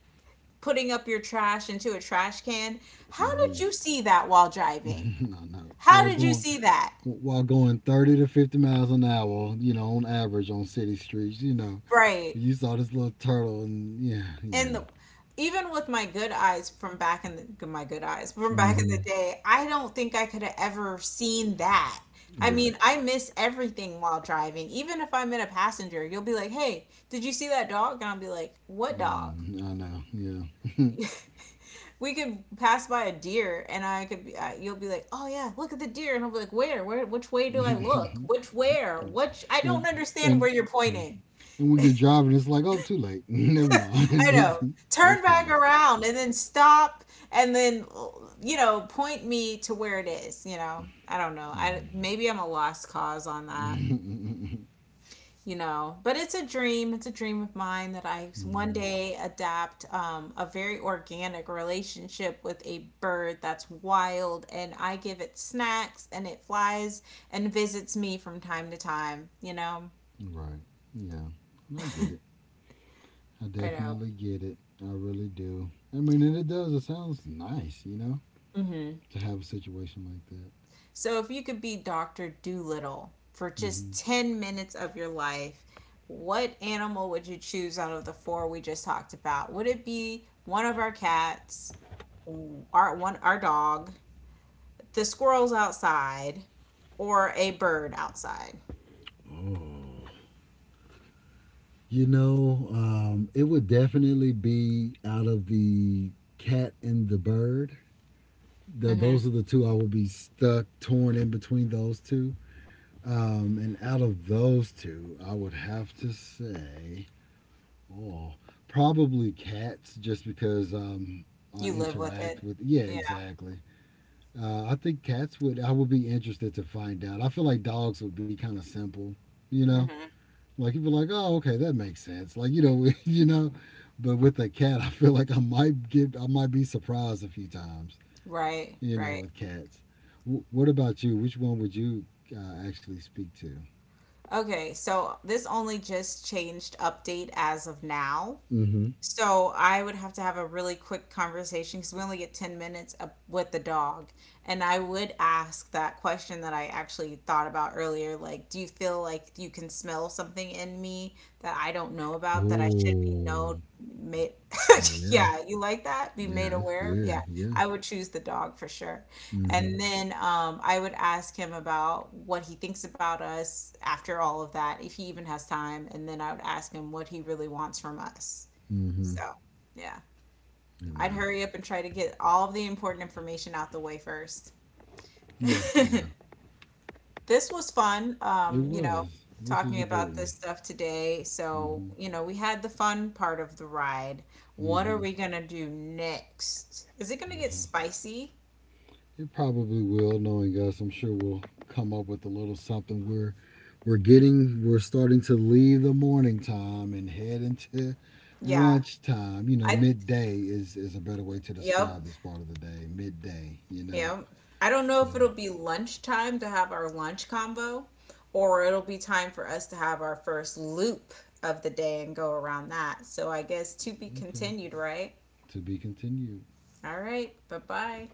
Speaker 1: putting up your trash into a trash can. How
Speaker 2: Hmm.
Speaker 1: did you see that while driving?
Speaker 2: No, no.
Speaker 1: How
Speaker 2: While
Speaker 1: did you
Speaker 2: going
Speaker 1: see that?
Speaker 2: while going thirty to fifty miles an hour, on average on city streets,
Speaker 1: Right.
Speaker 2: you saw this little turtle, and yeah,
Speaker 1: And
Speaker 2: yeah,
Speaker 1: the, even with my good eyes from back in the, my good eyes from back in the
Speaker 2: hmm.
Speaker 1: day, I don't think I could have ever seen that. I
Speaker 2: Right.
Speaker 1: mean, I miss everything while driving. Even if I'm in a passenger, you'll be like, "Hey, did you see that dog?" And I'll be like, "What dog?"
Speaker 2: Mm, I know, yeah,
Speaker 1: We could pass by a deer and I could be, I, you'll be like, oh yeah, look at the deer. And I'll be like, where, which way do I look? Which, where, which,
Speaker 2: and
Speaker 1: I
Speaker 2: and
Speaker 1: don't
Speaker 2: and
Speaker 1: understand where you're pointing.
Speaker 2: when you're driving, it's like, oh, too late. Never mind,
Speaker 1: I
Speaker 2: it's,
Speaker 1: know.
Speaker 2: it's
Speaker 1: Turn back
Speaker 2: past.
Speaker 1: around and then stop and then, you know, point me to where it is. You know, I don't know. I,
Speaker 2: I
Speaker 1: maybe I'm a lost cause on that.
Speaker 2: know.
Speaker 1: You know, but it's a dream, it's a dream of mine that I one
Speaker 2: Mhm.
Speaker 1: day adapt a very organic relationship with a bird that's wild, and I give it snacks, and it flies and visits me from time to time, you know.
Speaker 2: Right. Yeah. And I get it. I
Speaker 1: I know.
Speaker 2: definitely get it. I really do. I mean, and it does. It sounds nice. To have a situation like that.
Speaker 1: So if you could be Dr. Doolittle for just
Speaker 2: Hmm.
Speaker 1: 10 minutes of your life, what animal would you choose out of the four we just talked about? Would it be one of our cats, our one our dog, the squirrel's outside, or a bird outside?
Speaker 2: Oh. It would definitely be out of the cat and the bird. Th
Speaker 1: Mm-hmm.
Speaker 2: those are the two I will be stuck, torn in between those two. And out of those two, I would have to say, oh, probably cats, just because I
Speaker 1: You live with it.
Speaker 2: interact with. Yeah,
Speaker 1: Yeah.
Speaker 2: exactly. I think cats would. I would be interested to find out. I feel like dogs would be kind of simple, you know
Speaker 1: Mm-hmm.
Speaker 2: like you'd be like, oh, okay, that makes sense. Like but with a cat, I feel like I might be surprised a few times.
Speaker 1: Right, right.
Speaker 2: With cats. What about you? Which one would you actually speak to?
Speaker 1: Okay, so this only just changed update as of now.
Speaker 2: Mm-hmm.
Speaker 1: So I would have to have a really quick conversation because we only get 10 minutes up with the dog. And I would ask that question that I actually thought about earlier, like, do you feel like you can smell something in me that I don't know about that I should be know
Speaker 2: Oh,
Speaker 1: made
Speaker 2: yeah,
Speaker 1: yeah, you like that? Be made
Speaker 2: yeah, that's
Speaker 1: aware of? Yeah.
Speaker 2: good. Yeah.
Speaker 1: I would choose the dog for sure.
Speaker 2: Mm-hmm.
Speaker 1: And then I would ask him about what he thinks about us after all of that, if he even has time, and then I would ask him what he really wants from us.
Speaker 2: Mm-hmm.
Speaker 1: So, yeah,
Speaker 2: You
Speaker 1: I'd
Speaker 2: know.
Speaker 1: hurry up and try to get all of the important information out the way first.
Speaker 2: Yeah, yeah.
Speaker 1: This was fun,
Speaker 2: It
Speaker 1: you know,
Speaker 2: was. This
Speaker 1: talking
Speaker 2: was a good
Speaker 1: about this
Speaker 2: one.
Speaker 1: stuff today. So,
Speaker 2: Mm-hmm.
Speaker 1: you know, we had the fun part of the ride. What
Speaker 2: Mm-hmm.
Speaker 1: are we gonna do next? Is it gonna get spicy?
Speaker 2: It probably will, knowing us. I'm sure we'll come up with a little something. We're starting to leave the morning time and head into
Speaker 1: Yeah.
Speaker 2: lunchtime.
Speaker 1: I,
Speaker 2: Midday is a better way to
Speaker 1: yep,
Speaker 2: describe this part of the day. Midday.
Speaker 1: yep. I don't know
Speaker 2: So,
Speaker 1: if it'll be lunchtime to have our lunch combo or it'll be time for us to have our first loop of the day and go around that. So I guess to be
Speaker 2: okay,
Speaker 1: continued, right?
Speaker 2: to be continued.
Speaker 1: All right. Bye bye.